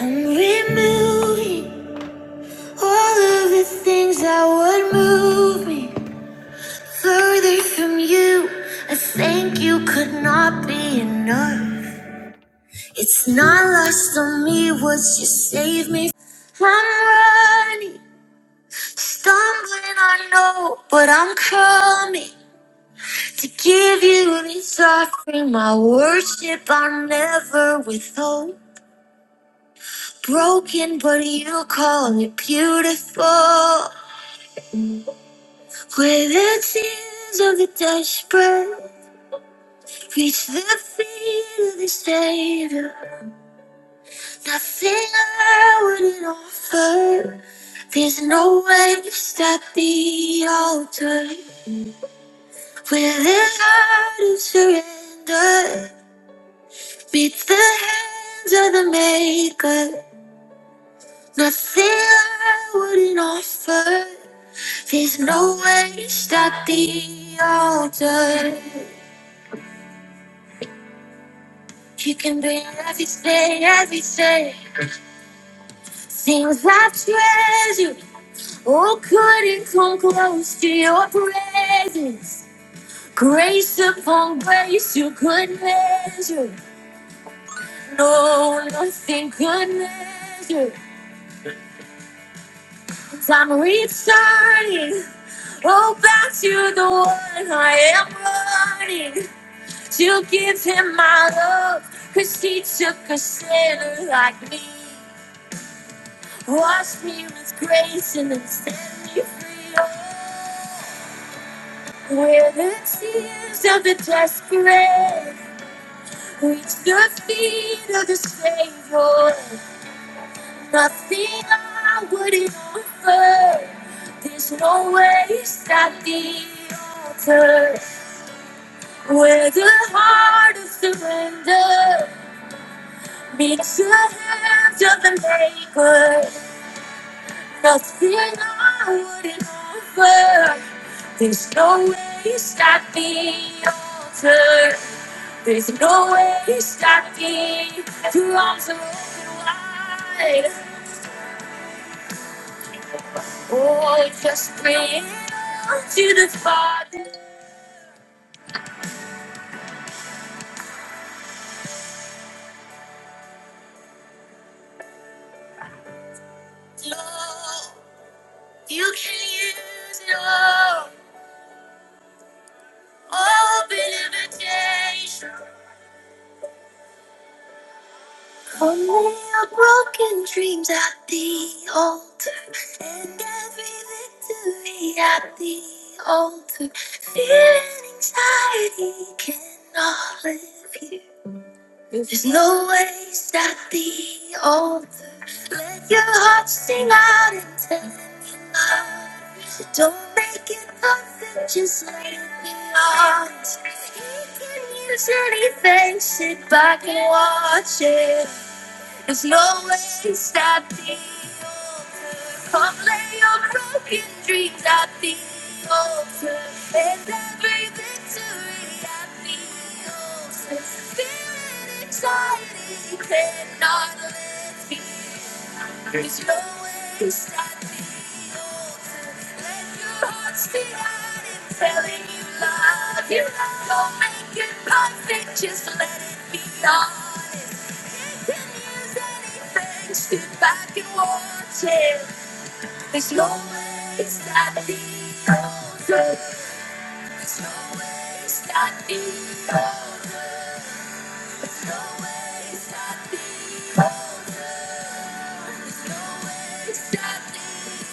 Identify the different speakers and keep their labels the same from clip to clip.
Speaker 1: I'm removing all of the things that would move me further from you. I think you could not be enough. It's not lost on me what you saved me. I'm running, stumbling, I know, but I'm coming to give you this offering. My worship I'll never withhold. Broken, but you call it beautiful. Where the tears of the desperate reach the feet of the Savior, nothing I wouldn't offer. There's no waste at the altar. Where the heart of surrender meets the hands of the Maker, nothing I wouldn't offer. There's no waste at the altar. You can be every day, every day. Things I treasure, oh, couldn't come close to your presence. Grace upon grace, you could measure. No, nothing could measure. I'm returning, oh, back to the one I am running. To give him my love, cause he took a sinner like me. Wash me with grace and then set me free. Oh, Where the tears of the desperate reach the feet of the Savior, nothing I wouldn't offer. There's no waste at the altar. Where the heart of surrender meets the hands of the maker. Nothing I wouldn't offer. There's no way you stop me, altar. There's no way you stop me. Your arms are open wide. Oh, just bring it all to the Father. Lord, you can use it all. Open invitation. Only our broken dreams at the altar, and every victory at the altar. Fear and anxiety cannot live here. There's no waste at the altar. Let your heart sing out and tell him you love. him. Don't make it perfect, just let it be honest. He can use anything, sit back and watch it. There's no waste at the altar. Come lay your broken dreams at the altar. And every victory at the altar. Feeling excited, cannot let me. There's no waste at the altar. Let your heart be out and telling you love. You love. don't make it perfect, just let it be done. If I can watch it, there's no way it's not the over. There's no way it's not the There's no way it's not the There's no way it's not the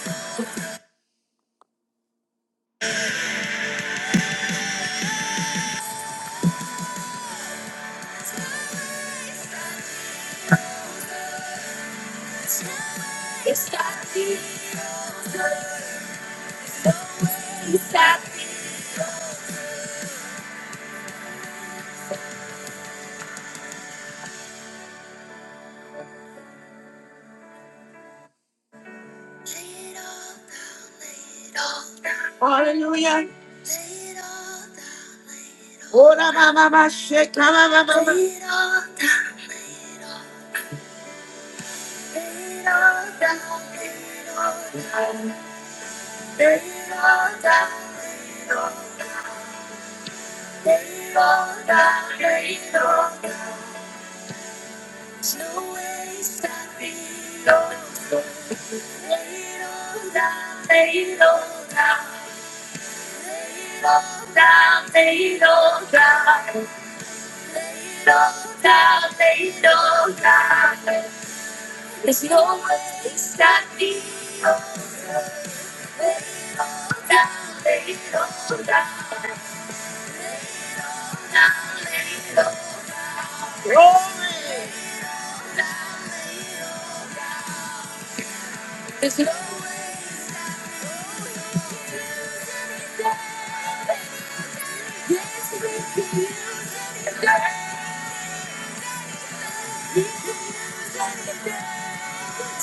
Speaker 1: There's no way it's not the over. It's not the Hallelujah. Lay it all down, Lord. Ora mama sheka mama mama. Lay it all down. There's no way to stop me. They don't die, they don't die. There's no one that's with you. You can never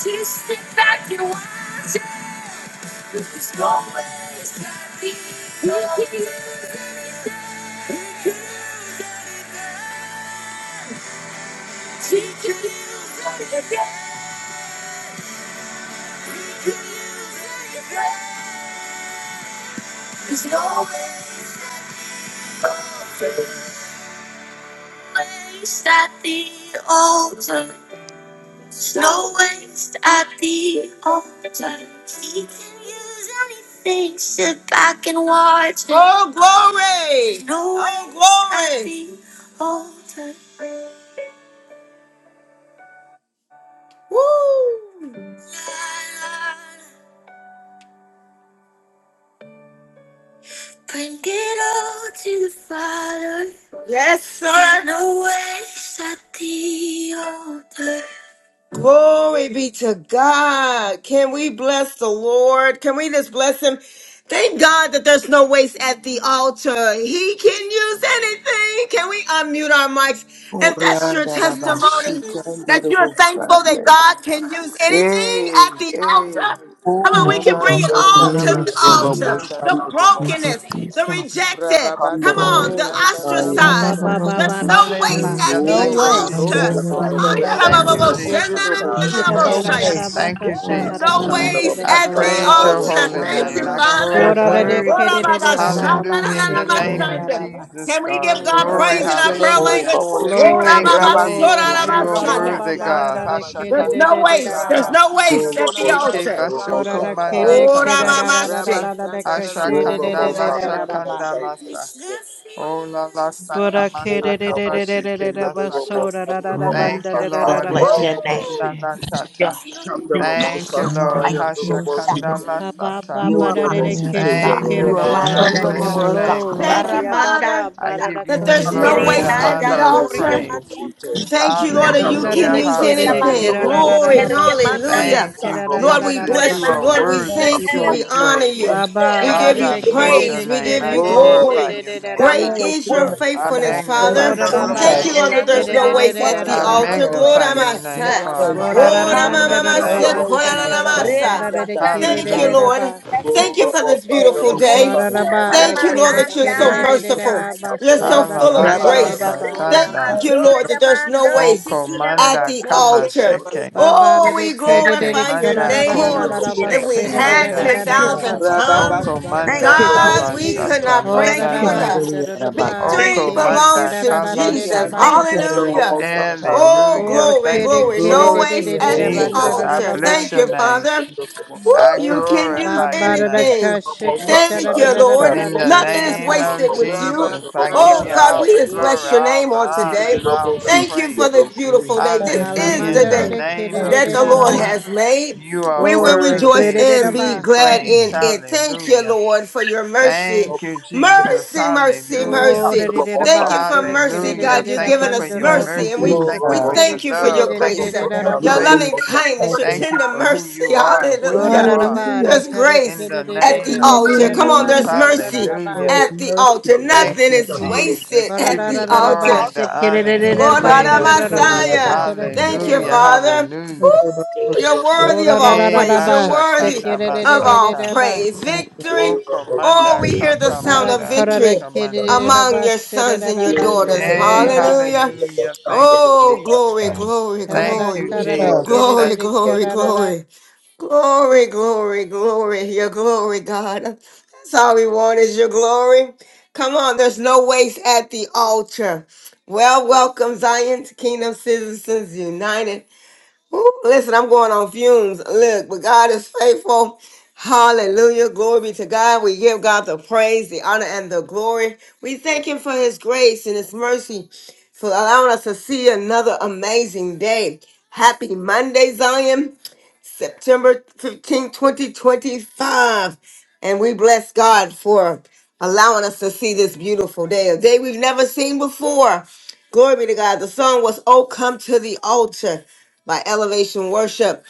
Speaker 1: Just sit back and watch it. It's always happy. We can use it. She can use it again. We can use it again. There's no way. Placed at the altar. No waste at the altar. He can use anything. Sit back and watch. Oh, glory! No oh, glory! At the altar. Woo! Bring it all to the Father. Yes, sir. No waste at the altar. Glory be to God. Can we bless the Lord? Can we just bless him? Thank God that there's no waste at the altar. He can use anything. Can we unmute our mics? If that's your testimony, that you're thankful that
Speaker 2: Oriandarabashikandirobosande.
Speaker 1: God can use anything
Speaker 2: Hey,
Speaker 1: at the
Speaker 2: hey.
Speaker 1: altar. Come on,
Speaker 3: Oh,
Speaker 1: we
Speaker 4: Oh,
Speaker 1: can bring it all
Speaker 3: hallelujah,
Speaker 1: to the
Speaker 3: Messiah.
Speaker 1: altar.
Speaker 2: Ramasandaramasoriandaraba.
Speaker 1: The
Speaker 3: Thank you,
Speaker 1: brokenness, the
Speaker 3: Jesus.
Speaker 1: rejected. Come on,
Speaker 3: Glory.
Speaker 1: the
Speaker 5: Glory. Haya ba
Speaker 2: Rababasotoriandaramasa.
Speaker 1: ostracized.
Speaker 5: ba ba
Speaker 1: There's
Speaker 5: ba
Speaker 3: Hallelujah,
Speaker 5: da da
Speaker 1: no
Speaker 5: da
Speaker 1: waste
Speaker 5: ba.
Speaker 1: at
Speaker 6: Hallelujah.
Speaker 1: the
Speaker 7: No
Speaker 2: Hey,
Speaker 6: Thank you,
Speaker 7: waste at
Speaker 1: altar.
Speaker 7: the
Speaker 6: Jesus.
Speaker 7: altar.
Speaker 3: hallelujah,
Speaker 7: Thank you,
Speaker 6: Thank you,
Speaker 3: Messiah.
Speaker 7: Jesus.
Speaker 6: Jesus.
Speaker 3: Thank
Speaker 2: karobosandaramasikerirobosha.
Speaker 3: you,
Speaker 5: Ida ba
Speaker 7: No
Speaker 5: da da
Speaker 3: Jesus.
Speaker 5: da
Speaker 7: waste.
Speaker 5: ba
Speaker 6: Thank
Speaker 5: ka
Speaker 6: you,
Speaker 5: sha
Speaker 3: Glory,
Speaker 5: da da
Speaker 6: Jesus.
Speaker 1: No
Speaker 5: da man
Speaker 3: glory,
Speaker 5: da
Speaker 1: waste
Speaker 5: da da
Speaker 6: I
Speaker 5: da
Speaker 1: at the
Speaker 5: ba
Speaker 6: praise
Speaker 3: thank
Speaker 5: sa
Speaker 6: your
Speaker 3: you,
Speaker 5: ya.
Speaker 1: altar.
Speaker 6: holy
Speaker 3: Jesus.
Speaker 1: Thank
Speaker 8: name.
Speaker 6: name.
Speaker 1: you,
Speaker 6: I
Speaker 8: Your
Speaker 1: Father.
Speaker 5: Kora da
Speaker 6: glorify
Speaker 3: Glory,
Speaker 5: de
Speaker 6: you.
Speaker 8: word,
Speaker 5: ke de de de da da da
Speaker 3: glory,
Speaker 2: Handoboshandaramasandarabasoriandaraba.
Speaker 5: ba
Speaker 6: Hallelujah. In
Speaker 3: glory.
Speaker 6: the
Speaker 5: se de de da
Speaker 6: name
Speaker 5: da
Speaker 6: of
Speaker 5: da ba ha.
Speaker 6: Jesus,
Speaker 1: Can we give
Speaker 6: God.
Speaker 2: Mm,
Speaker 1: God
Speaker 2: I
Speaker 6: Glory.
Speaker 1: praise in
Speaker 2: bless
Speaker 1: our
Speaker 2: your
Speaker 1: prayer
Speaker 2: name this
Speaker 6: Hallelujah.
Speaker 1: language?
Speaker 2: morning.
Speaker 5: Glory,
Speaker 6: Thank you,
Speaker 5: glory.
Speaker 2: Rabasete
Speaker 6: Jesus.
Speaker 2: de
Speaker 5: Haya
Speaker 6: You
Speaker 2: de
Speaker 6: are
Speaker 5: ba ba
Speaker 3: glory.
Speaker 5: ba
Speaker 6: worthy,
Speaker 5: ba da
Speaker 6: God.
Speaker 2: Robosianda
Speaker 5: da de ke
Speaker 2: Rabashi.
Speaker 5: de
Speaker 1: There's
Speaker 5: de
Speaker 6: Hashakanda
Speaker 1: no
Speaker 5: de de da
Speaker 1: waste.
Speaker 5: da
Speaker 1: There's
Speaker 5: ba
Speaker 6: lasata.
Speaker 1: no
Speaker 5: ha.
Speaker 2: Ramasianda
Speaker 1: waste
Speaker 2: na
Speaker 1: at
Speaker 2: na
Speaker 1: the
Speaker 6: Heke
Speaker 1: altar.
Speaker 5: Kora
Speaker 2: Ramasatario
Speaker 6: basuko
Speaker 2: de
Speaker 5: da ke
Speaker 2: Robos.
Speaker 5: de ke
Speaker 1: Ora
Speaker 5: da
Speaker 6: badatata.
Speaker 5: da da da da
Speaker 4: Rabosita,
Speaker 1: mamaste.
Speaker 5: da da de
Speaker 2: Rabasanda
Speaker 5: ka
Speaker 2: de
Speaker 5: she de
Speaker 4: Roll
Speaker 1: Woo!
Speaker 5: de
Speaker 4: up
Speaker 6: Hashakanda
Speaker 4: on
Speaker 5: de de
Speaker 4: Sunday,
Speaker 5: da
Speaker 2: Rabasurianda
Speaker 5: da da
Speaker 4: roll up on
Speaker 5: ba.
Speaker 6: lasakanda
Speaker 4: Sunday.
Speaker 2: Rabashi.
Speaker 6: lasa. Ola lasaka
Speaker 5: Bora ke de
Speaker 4: Roll
Speaker 5: de
Speaker 6: masaka
Speaker 4: up
Speaker 5: de
Speaker 4: on
Speaker 5: de de de
Speaker 6: bashiki
Speaker 5: de
Speaker 4: Sunday,
Speaker 5: da ba
Speaker 4: roll up on
Speaker 6: masaka.
Speaker 5: so da da
Speaker 4: Sunday,
Speaker 5: da da ba
Speaker 4: roll
Speaker 3: Glory.
Speaker 6: Thank
Speaker 5: da
Speaker 6: you,
Speaker 5: da da
Speaker 4: up
Speaker 8: Jesus,
Speaker 5: da
Speaker 6: Lord.
Speaker 4: on Sunday,
Speaker 5: da
Speaker 3: Thank
Speaker 8: bless
Speaker 5: ba.
Speaker 4: roll
Speaker 3: you,
Speaker 8: your
Speaker 4: up on
Speaker 8: name.
Speaker 4: Sunday.
Speaker 3: Shashi.
Speaker 8: Your
Speaker 6: Heshekindanatata.
Speaker 4: Sunday,
Speaker 8: holy
Speaker 4: roll up
Speaker 8: God,
Speaker 4: on
Speaker 6: Thank you,
Speaker 8: your
Speaker 6: Lord.
Speaker 4: Sunday, roll
Speaker 8: righteous God.
Speaker 3: Sandalaviyosai.
Speaker 4: Sunday.
Speaker 5: ha ba
Speaker 6: Hashakandalasata.
Speaker 5: ba
Speaker 8: You
Speaker 5: ba
Speaker 8: are
Speaker 4: Roll
Speaker 5: da
Speaker 8: my
Speaker 4: up
Speaker 5: da
Speaker 4: on
Speaker 5: da
Speaker 4: Sunday,
Speaker 5: ke
Speaker 6: Thank
Speaker 8: God.
Speaker 6: you,
Speaker 4: roll
Speaker 8: You
Speaker 4: up
Speaker 8: are my
Speaker 6: Lord. I
Speaker 4: Sunday,
Speaker 5: ka
Speaker 6: bless your
Speaker 8: deliverer,
Speaker 4: roll
Speaker 6: name,
Speaker 8: God.
Speaker 5: Glory.
Speaker 3: Hayaradalaviyoshandalaviyosai.
Speaker 1: Thank
Speaker 6: Father.
Speaker 1: you, Father.
Speaker 6: I
Speaker 8: Aramandansha.
Speaker 6: give you
Speaker 1: that
Speaker 6: the
Speaker 3: Glory
Speaker 1: there's
Speaker 3: to
Speaker 1: no
Speaker 4: up
Speaker 6: glory,
Speaker 3: you,
Speaker 4: on
Speaker 6: the
Speaker 4: Sunday. Sunday, roll up on
Speaker 1: waste
Speaker 4: Sunday,
Speaker 5: Ha-ya-ba-ba-ba-da-da-da-ka-she-da-da-da-ba.
Speaker 1: at
Speaker 6: honor,
Speaker 1: the
Speaker 3: Lord.
Speaker 6: and the
Speaker 4: roll
Speaker 1: altar.
Speaker 4: up
Speaker 6: praise.
Speaker 4: Sunday.
Speaker 3: Thank you,
Speaker 1: Thank you,
Speaker 8: Remandandoriamandosotia.
Speaker 1: Lord, that
Speaker 3: Jesus.
Speaker 4: Sunday,
Speaker 1: you
Speaker 5: kanda
Speaker 4: roll
Speaker 5: da
Speaker 4: up
Speaker 1: can
Speaker 6: Hallelujah,
Speaker 5: da
Speaker 4: on
Speaker 1: use
Speaker 5: ke da da
Speaker 4: Sunday,
Speaker 5: ke
Speaker 1: anything.
Speaker 4: roll
Speaker 6: hallelujah.
Speaker 4: up
Speaker 3: Oh,
Speaker 1: Glory,
Speaker 3: yeah.
Speaker 5: ba
Speaker 4: Sunday.
Speaker 5: she ke da da
Speaker 1: hallelujah.
Speaker 6: Thank
Speaker 5: ke
Speaker 3: Yes.
Speaker 6: you,
Speaker 8: Retabadoshekeremandansa.
Speaker 5: ba
Speaker 4: Roll up on
Speaker 1: Lord, we
Speaker 6: Jesus.
Speaker 4: Sunday,
Speaker 6: You
Speaker 1: bless you.
Speaker 6: are
Speaker 4: roll
Speaker 1: Lord,
Speaker 4: up Sunday, roll up on
Speaker 1: we
Speaker 7: Thank
Speaker 6: worthy
Speaker 7: you,
Speaker 1: thank
Speaker 6: to
Speaker 1: you.
Speaker 7: Lord
Speaker 1: We
Speaker 6: be
Speaker 7: Jesus.
Speaker 1: honor
Speaker 6: praised.
Speaker 1: you.
Speaker 4: Sunday.
Speaker 5: ra ba
Speaker 1: We
Speaker 5: ba
Speaker 9: God.
Speaker 1: give
Speaker 6: Father,
Speaker 5: da
Speaker 1: you
Speaker 6: I
Speaker 5: da ke
Speaker 4: Roll up
Speaker 6: bless
Speaker 5: da
Speaker 8: Remandashekeremakosotoriete.
Speaker 6: your
Speaker 4: on
Speaker 1: praise. We
Speaker 6: name.
Speaker 1: give
Speaker 6: I
Speaker 1: you
Speaker 8: you
Speaker 2: Glory.
Speaker 6: glorify
Speaker 1: glory.
Speaker 6: your
Speaker 8: worthy,
Speaker 6: name.
Speaker 5: da
Speaker 8: God.
Speaker 1: Great
Speaker 5: ba
Speaker 8: you
Speaker 7: Glory
Speaker 1: is
Speaker 7: to your
Speaker 1: your
Speaker 7: name,
Speaker 6: Mm,
Speaker 4: Sunday.
Speaker 8: worthy,
Speaker 7: oh
Speaker 6: I
Speaker 8: God.
Speaker 1: faithfulness,
Speaker 7: God.
Speaker 4: I'm the
Speaker 7: Thank
Speaker 4: most
Speaker 5: ro
Speaker 1: Father.
Speaker 6: magnify
Speaker 7: you,
Speaker 2: Yanda
Speaker 5: da
Speaker 4: tired
Speaker 2: de
Speaker 6: your
Speaker 8: Holy
Speaker 7: Jesus.
Speaker 6: name.
Speaker 1: Thank
Speaker 8: is
Speaker 5: ba
Speaker 1: you,
Speaker 8: your
Speaker 5: da
Speaker 1: Lord,
Speaker 5: da
Speaker 1: that
Speaker 2: Robosurianda
Speaker 5: ke
Speaker 8: name,
Speaker 1: there's
Speaker 2: de
Speaker 5: da
Speaker 1: no
Speaker 8: God.
Speaker 1: waste at the
Speaker 8: Wonderful
Speaker 6: I
Speaker 2: Ramasanda de
Speaker 5: ba
Speaker 1: altar.
Speaker 2: Ramas.
Speaker 8: counselor
Speaker 7: Lord
Speaker 1: Glory,
Speaker 8: is
Speaker 6: magnify
Speaker 8: your
Speaker 7: Jesus.
Speaker 6: your
Speaker 8: name,
Speaker 7: No
Speaker 6: name,
Speaker 8: God.
Speaker 1: Masa.
Speaker 6: Father.
Speaker 5: ro
Speaker 7: waste.
Speaker 5: da da
Speaker 1: Glory,
Speaker 6: Hallelujah.
Speaker 2: Rababasurianda
Speaker 1: Mama,
Speaker 6: In
Speaker 2: de
Speaker 6: the
Speaker 8: Hallelujah,
Speaker 7: No
Speaker 5: da
Speaker 6: name
Speaker 1: Masa.
Speaker 5: ba
Speaker 6: of
Speaker 1: Glory,
Speaker 7: waste
Speaker 5: sa
Speaker 8: glory.
Speaker 2: Ramasata
Speaker 5: ta
Speaker 7: at
Speaker 1: Mama,
Speaker 2: de
Speaker 7: the
Speaker 5: da da
Speaker 6: Jesus.
Speaker 7: altar.
Speaker 5: ka
Speaker 1: Masa.
Speaker 8: Rema
Speaker 5: da da
Speaker 7: Thank you,
Speaker 2: Robosurianda.
Speaker 8: mandan
Speaker 1: Thank you,
Speaker 7: Jesus.
Speaker 5: da
Speaker 6: Hallelujah.
Speaker 1: Lord.
Speaker 5: ba
Speaker 8: shariki and
Speaker 1: Thank you for this
Speaker 7: Thank
Speaker 8: soriete e
Speaker 1: beautiful
Speaker 2: Yanda
Speaker 7: you,
Speaker 8: e.
Speaker 2: de
Speaker 5: ba
Speaker 8: e.
Speaker 1: day.
Speaker 7: Jesus.
Speaker 5: da ba
Speaker 1: Thank you,
Speaker 2: Robosurianda
Speaker 8: Arama
Speaker 2: de
Speaker 1: Lord,
Speaker 5: kere
Speaker 1: that you're
Speaker 5: kere
Speaker 1: so
Speaker 6: Okay.
Speaker 5: de
Speaker 7: Thank
Speaker 5: de
Speaker 7: you,
Speaker 2: Rabasurianda.
Speaker 5: de
Speaker 7: Lord.
Speaker 5: da
Speaker 8: andasha
Speaker 1: merciful.
Speaker 5: da ba
Speaker 1: You're
Speaker 5: so
Speaker 7: God, for
Speaker 1: so
Speaker 5: da
Speaker 7: waking me up
Speaker 1: full
Speaker 8: yerokusa.
Speaker 1: of
Speaker 6: Alala
Speaker 5: kere de de
Speaker 7: again.
Speaker 5: da
Speaker 1: grace.
Speaker 6: shata
Speaker 5: ba.
Speaker 8: Rima
Speaker 2: Rababasurianda
Speaker 6: kanda.
Speaker 1: Thank
Speaker 7: Thank
Speaker 2: de
Speaker 1: you,
Speaker 7: you,
Speaker 2: Rabas.
Speaker 1: Lord,
Speaker 8: andoria
Speaker 1: that there's
Speaker 8: mando
Speaker 1: no
Speaker 6: Oko
Speaker 1: waste
Speaker 8: shiki
Speaker 1: at
Speaker 6: manda
Speaker 1: the
Speaker 2: Yanda
Speaker 6: kama
Speaker 8: aramokoso
Speaker 2: de
Speaker 8: to
Speaker 1: altar.
Speaker 8: e.
Speaker 6: sheke.
Speaker 2: Rabas.
Speaker 5: Ba ba da
Speaker 1: Oh,
Speaker 5: de
Speaker 1: we
Speaker 5: kere de
Speaker 6: Heke
Speaker 5: de
Speaker 1: glorify your
Speaker 5: kera
Speaker 6: manda
Speaker 5: da da da
Speaker 1: name.
Speaker 5: da
Speaker 8: Glory
Speaker 5: da
Speaker 6: kolo
Speaker 8: to
Speaker 5: da
Speaker 8: your
Speaker 5: ba
Speaker 1: If
Speaker 8: name.
Speaker 1: we
Speaker 5: se
Speaker 6: sheke
Speaker 5: de
Speaker 7: Lord.
Speaker 5: de
Speaker 1: had
Speaker 5: de da
Speaker 6: manda.
Speaker 5: da
Speaker 8: Thank
Speaker 5: da
Speaker 8: you,
Speaker 5: da ba.
Speaker 1: 10,000
Speaker 8: Jesus.
Speaker 2: Rababa
Speaker 1: tongues,
Speaker 6: Oko
Speaker 7: Yarabakandarabakaraba.
Speaker 2: Sanda
Speaker 8: Thank
Speaker 6: manda
Speaker 8: you,
Speaker 1: God,
Speaker 6: kala
Speaker 8: Jesus.
Speaker 1: we
Speaker 2: Rabase.
Speaker 1: could
Speaker 6: shata
Speaker 1: not
Speaker 5: Ho da
Speaker 1: praise
Speaker 8: Thank
Speaker 5: da
Speaker 1: you
Speaker 8: you,
Speaker 6: mandata.
Speaker 5: man
Speaker 1: enough.
Speaker 5: da da
Speaker 8: Jesus.
Speaker 5: da ba
Speaker 7: Handariyarabakara.
Speaker 5: de
Speaker 8: Thank
Speaker 1: Victory
Speaker 6: Oko
Speaker 8: you,
Speaker 5: kere
Speaker 8: Jesus.
Speaker 6: manda
Speaker 1: belongs
Speaker 5: kera da
Speaker 1: to
Speaker 5: da de de da
Speaker 1: Jesus.
Speaker 6: kalashi.
Speaker 2: Rianda
Speaker 5: ba.
Speaker 8: Thank you,
Speaker 4: of
Speaker 2: Raboso
Speaker 7: Handariyar-
Speaker 8: Jesus.
Speaker 1: Hallelujah.
Speaker 2: Rianda Rabba.
Speaker 1: Oh,
Speaker 5: O
Speaker 6: Hallelujah.
Speaker 1: glory,
Speaker 6: Thank
Speaker 5: kere
Speaker 6: you,
Speaker 1: glory.
Speaker 6: J-
Speaker 5: kere
Speaker 1: No
Speaker 5: de
Speaker 7: Glory
Speaker 5: de
Speaker 7: to
Speaker 1: waste
Speaker 5: de
Speaker 7: your
Speaker 5: de da
Speaker 1: at
Speaker 7: name,
Speaker 1: the
Speaker 7: oh
Speaker 5: ba da
Speaker 6: Jesus.
Speaker 5: da
Speaker 7: God.
Speaker 6: I
Speaker 5: da
Speaker 1: altar.
Speaker 5: da
Speaker 6: bless
Speaker 5: ba.
Speaker 1: Thank
Speaker 6: your
Speaker 1: you,
Speaker 6: name.
Speaker 1: Father.
Speaker 4: the
Speaker 1: Woo,
Speaker 4: most
Speaker 6: I
Speaker 1: you
Speaker 2: Thank you,
Speaker 1: can use
Speaker 5: Ba
Speaker 2: Father.
Speaker 6: glorify your
Speaker 5: ba da da
Speaker 6: name.
Speaker 5: ka
Speaker 1: anything.
Speaker 5: she ke
Speaker 7: Thank
Speaker 5: ta
Speaker 7: you,
Speaker 5: da
Speaker 1: Thank
Speaker 5: da
Speaker 1: you,
Speaker 5: da da da
Speaker 1: Lord.
Speaker 7: Jesus.
Speaker 5: da
Speaker 6: In
Speaker 5: da
Speaker 6: the
Speaker 5: de de
Speaker 1: Nothing
Speaker 5: da
Speaker 1: is
Speaker 6: name
Speaker 5: ba.
Speaker 6: of
Speaker 1: wasted with you.
Speaker 2: Rama
Speaker 6: Jesus, I give
Speaker 2: Sanda
Speaker 1: Oh,
Speaker 6: you
Speaker 1: God,
Speaker 6: all
Speaker 1: we
Speaker 6: the
Speaker 1: just bless
Speaker 6: glory,
Speaker 1: your
Speaker 2: Rabaseki.
Speaker 6: all
Speaker 1: name
Speaker 6: the
Speaker 1: on
Speaker 6: honor,
Speaker 1: today.
Speaker 6: and all the
Speaker 1: Thank you
Speaker 6: praise.
Speaker 1: for this
Speaker 2: Mm.
Speaker 1: beautiful day. This
Speaker 7: Thank you,
Speaker 1: is
Speaker 6: Hallelujah.
Speaker 1: the
Speaker 6: In
Speaker 7: Jesus.
Speaker 5: Alamanda
Speaker 6: the
Speaker 5: da
Speaker 1: day
Speaker 5: de
Speaker 6: name
Speaker 5: kere
Speaker 7: Thank
Speaker 5: de
Speaker 6: of
Speaker 1: that
Speaker 5: de
Speaker 7: you,
Speaker 1: the
Speaker 5: da
Speaker 7: Jesus.
Speaker 5: da
Speaker 1: Lord
Speaker 6: Jesus,
Speaker 5: ba.
Speaker 1: has made.
Speaker 6: you are
Speaker 1: We will
Speaker 5: Glory, kere
Speaker 1: rejoice
Speaker 6: worthy
Speaker 5: de de da
Speaker 1: and
Speaker 6: to
Speaker 1: be
Speaker 6: be
Speaker 5: ba.
Speaker 1: glad
Speaker 6: praised.
Speaker 1: in it. Thank you,
Speaker 6: Hallelujah.
Speaker 1: Lord, for your mercy.
Speaker 6: Thank you, Jesus.
Speaker 1: Mercy, mercy,
Speaker 6: Hallelujah.
Speaker 5: Oh,
Speaker 1: mercy.
Speaker 5: da da da da
Speaker 1: Thank you
Speaker 5: ba,
Speaker 1: for
Speaker 5: da da ki da
Speaker 1: mercy,
Speaker 5: da da
Speaker 6: Hallelujah.
Speaker 1: God.
Speaker 5: da
Speaker 1: You've
Speaker 6: Thank you
Speaker 1: given
Speaker 5: ban
Speaker 6: for
Speaker 1: us
Speaker 5: da da
Speaker 6: your
Speaker 5: da
Speaker 7: Thank
Speaker 5: ba
Speaker 7: you,
Speaker 1: mercy, and
Speaker 5: ko
Speaker 6: mercy.
Speaker 7: Jesus.
Speaker 1: we,
Speaker 6: Thank you
Speaker 5: shaka
Speaker 1: we
Speaker 6: for
Speaker 5: da da
Speaker 6: your
Speaker 1: thank you for
Speaker 5: da
Speaker 1: your
Speaker 6: love.
Speaker 5: da da
Speaker 6: Thank
Speaker 5: da
Speaker 6: you
Speaker 1: grace,
Speaker 5: da
Speaker 1: uh,
Speaker 6: for
Speaker 5: da
Speaker 6: your
Speaker 7: Thank you,
Speaker 1: your
Speaker 5: ba.
Speaker 6: grace.
Speaker 1: loving
Speaker 7: Jesus.
Speaker 1: kindness,
Speaker 7: Thank
Speaker 1: your
Speaker 7: you, Lord.
Speaker 6: Thank you
Speaker 1: tender
Speaker 6: for who
Speaker 1: mercy.
Speaker 6: you are and
Speaker 5: Ro
Speaker 6: what
Speaker 5: da
Speaker 6: you
Speaker 5: da
Speaker 1: Hallelujah.
Speaker 5: da
Speaker 6: are.
Speaker 5: ba, da
Speaker 7: Hallelujah.
Speaker 1: There's
Speaker 5: ka da
Speaker 6: In
Speaker 1: grace
Speaker 5: da
Speaker 6: the
Speaker 5: da da
Speaker 1: at the
Speaker 6: name
Speaker 5: da da
Speaker 6: of
Speaker 5: da
Speaker 1: altar.
Speaker 5: da
Speaker 1: Come on,
Speaker 5: ban
Speaker 6: Jesus.
Speaker 1: there's
Speaker 7: Hallelujah.
Speaker 5: da da da da
Speaker 1: mercy
Speaker 5: da ba.
Speaker 6: Hallelujah.
Speaker 7: There's
Speaker 1: at the
Speaker 7: mercy
Speaker 1: altar.
Speaker 7: at
Speaker 6: Thank
Speaker 1: Nothing
Speaker 7: the
Speaker 6: you,
Speaker 1: is
Speaker 7: altar.
Speaker 1: wasted
Speaker 6: Jesus.
Speaker 5: Ba da
Speaker 6: Give
Speaker 1: at
Speaker 5: da
Speaker 6: you
Speaker 5: da
Speaker 1: the
Speaker 5: da da ba,
Speaker 1: altar.
Speaker 6: glory, the
Speaker 5: sha da
Speaker 6: honor,
Speaker 5: da
Speaker 6: and
Speaker 5: da
Speaker 6: the
Speaker 7: Thank
Speaker 5: da
Speaker 1: Oh,
Speaker 7: you,
Speaker 1: Lord
Speaker 5: ban da
Speaker 1: of
Speaker 7: Lord.
Speaker 5: da
Speaker 6: praise.
Speaker 5: da da ba,
Speaker 7: Pretty out
Speaker 5: sa
Speaker 7: of
Speaker 1: Messiah.
Speaker 5: da ki
Speaker 1: Thank
Speaker 5: da
Speaker 1: you,
Speaker 5: da
Speaker 7: our
Speaker 6: Hallelujah,
Speaker 5: da ba.
Speaker 1: Father.
Speaker 6: hallelujah.
Speaker 1: Ooh, you're
Speaker 5: Ro
Speaker 1: worthy of
Speaker 5: da da
Speaker 1: all
Speaker 5: da da
Speaker 6: Eh,
Speaker 5: da
Speaker 1: praise.
Speaker 5: ba,
Speaker 1: You're
Speaker 5: da
Speaker 1: worthy
Speaker 5: ki
Speaker 6: mashakanda
Speaker 5: da da
Speaker 4: Thank
Speaker 5: da
Speaker 1: of
Speaker 4: you.
Speaker 5: da da
Speaker 1: all
Speaker 6: masaka.
Speaker 5: ba.
Speaker 1: praise. Victory.
Speaker 6: Oko
Speaker 1: Oh,
Speaker 6: manda
Speaker 1: we hear the
Speaker 6: kaka
Speaker 5: Ba
Speaker 1: sound
Speaker 5: da
Speaker 1: of
Speaker 5: ka
Speaker 6: manda
Speaker 5: da da
Speaker 1: victory
Speaker 6: taka
Speaker 5: da da
Speaker 6: manda.
Speaker 5: da
Speaker 1: among
Speaker 5: ba,
Speaker 1: your
Speaker 5: sha da
Speaker 1: sons
Speaker 5: da
Speaker 1: and your
Speaker 5: ban da da
Speaker 1: daughters.
Speaker 5: da da
Speaker 6: Eh,
Speaker 5: ba.
Speaker 1: Hallelujah.
Speaker 6: hallelujah. Thank you,
Speaker 1: Oh,
Speaker 6: Jesus.
Speaker 1: glory,
Speaker 3: Wow.
Speaker 1: glory,
Speaker 5: Ka
Speaker 7: Thank
Speaker 5: da
Speaker 7: you,
Speaker 6: Thank
Speaker 5: da
Speaker 1: glory,
Speaker 6: you,
Speaker 5: da da
Speaker 7: Jesus.
Speaker 5: ki
Speaker 6: Jesus.
Speaker 1: glory,
Speaker 4: Thank
Speaker 1: glory,
Speaker 4: you.
Speaker 1: glory. Glory, glory, glory, your glory, God. That's all we want is your glory. Come on, there's no waste at the altar. Well, welcome, Zion to Kingdom Citizens United. Woo, listen, I'm going on fumes. Look, but God is faithful. Hallelujah. Glory be to God. We give God the praise, the honor, and the glory. We thank Him for His grace and His mercy for allowing us to see another amazing day. Happy Monday, Zion. September fifteenth, 2025. And we bless God for allowing us to see this beautiful day, a day we've never seen before. Glory be to God. The song was Oh Come to the Altar by Elevation Worship.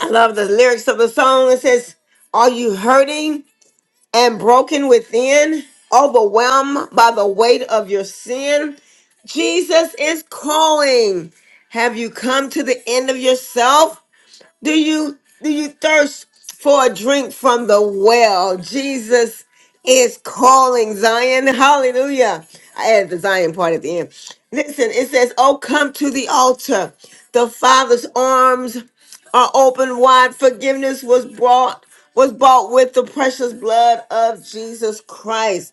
Speaker 1: I love the lyrics of the song. It says, Are you hurting and broken within? Overwhelmed by the weight of your sin? Jesus is calling. Have you come to the end of yourself? Do you do you thirst for a drink from the well? Jesus is calling Zion. Hallelujah. I added the Zion part at the end. Listen, it says, Oh, come to the altar. The Father's arms are open wide. Forgiveness was brought, was bought with the precious blood of Jesus Christ.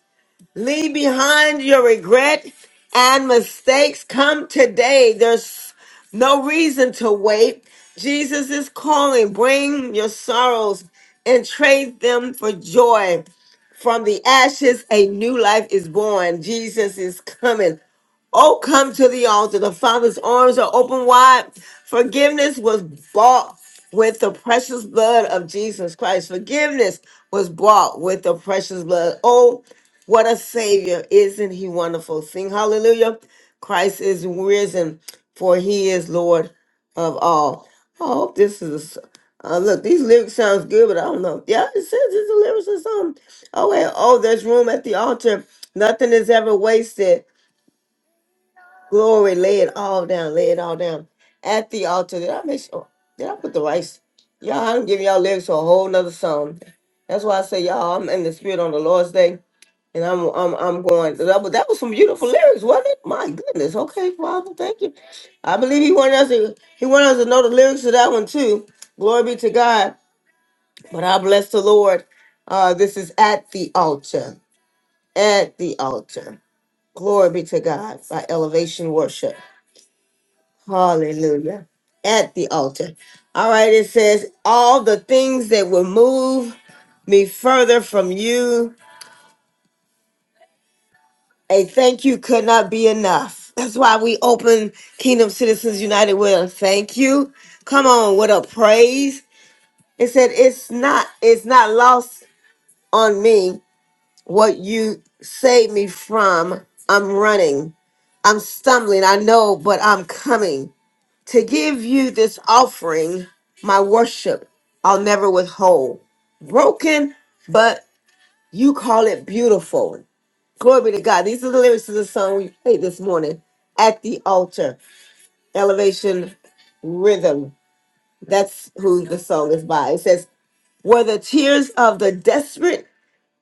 Speaker 1: Leave behind your regret and mistakes. Come today. There's no reason to wait. Jesus is calling. Bring your sorrows and trade them for joy. From the ashes, a new life is born. Jesus is coming. Oh, come to the altar. The Father's arms are open wide. Forgiveness was bought with the precious blood of Jesus Christ. Forgiveness was bought with the precious blood. Oh, what a savior. Isn't he wonderful? Sing hallelujah. Christ is risen, for he is Lord of all. I hope this is uh, look, these lyrics sounds good, but I don't know. Yeah, it says it's a lyrics or something. Oh wait, oh, there's room at the altar. Nothing is ever wasted. Glory, lay it all down, lay it all down at the altar. Did I make sure? Did I put the rice? Y'all, I'm giving y'all lyrics to a whole nother song. That's why I say, y'all, I'm in the spirit on the Lord's day, and I'm I'm I'm going. That was, that was some beautiful lyrics, wasn't it? My goodness. Okay, Father, thank you. I believe he wanted us to he wanted us to know the lyrics to that one too. Glory be to God. But I bless the Lord. Uh, this is at the altar, at the altar. Glory be to God by elevation worship. Hallelujah. At the altar. All right, it says, all the things that will move me further from you, a thank you could not be enough. That's why we open Kingdom Citizens United with a thank you. Come on, with a praise. It said, it's not, it's not lost on me what you saved me from. I'm running. I'm stumbling. I know, but I'm coming. To give you this offering, my worship, I'll never withhold. Broken, but you call it beautiful. Glory be to God. These are the lyrics of the song we played this morning at the altar. Elevation Rhythm. That's who the song is by. It says, Where the tears of the desperate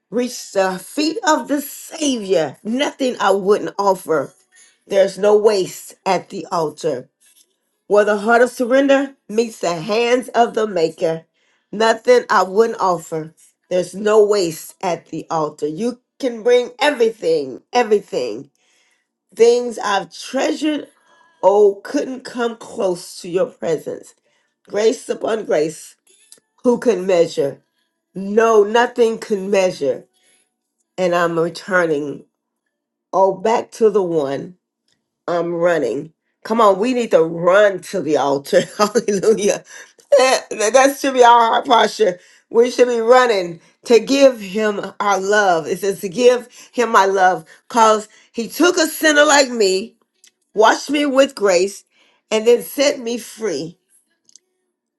Speaker 1: reach the feet of the Savior, nothing I wouldn't offer. There's no waste at the altar. Where the heart of surrender meets the hands of the maker. Nothing I wouldn't offer. There's no waste at the altar. You can bring everything, everything. Things I've treasured, oh, couldn't come close to your presence. Grace upon grace, who can measure? No, nothing can measure. And I'm returning, oh, back to the one. I'm running. Come on, we need to run to the altar. Hallelujah. That, that should be our heart posture. We should be running to give him our love. It says to give him my love because he took a sinner like me, washed me with grace, and then set me free.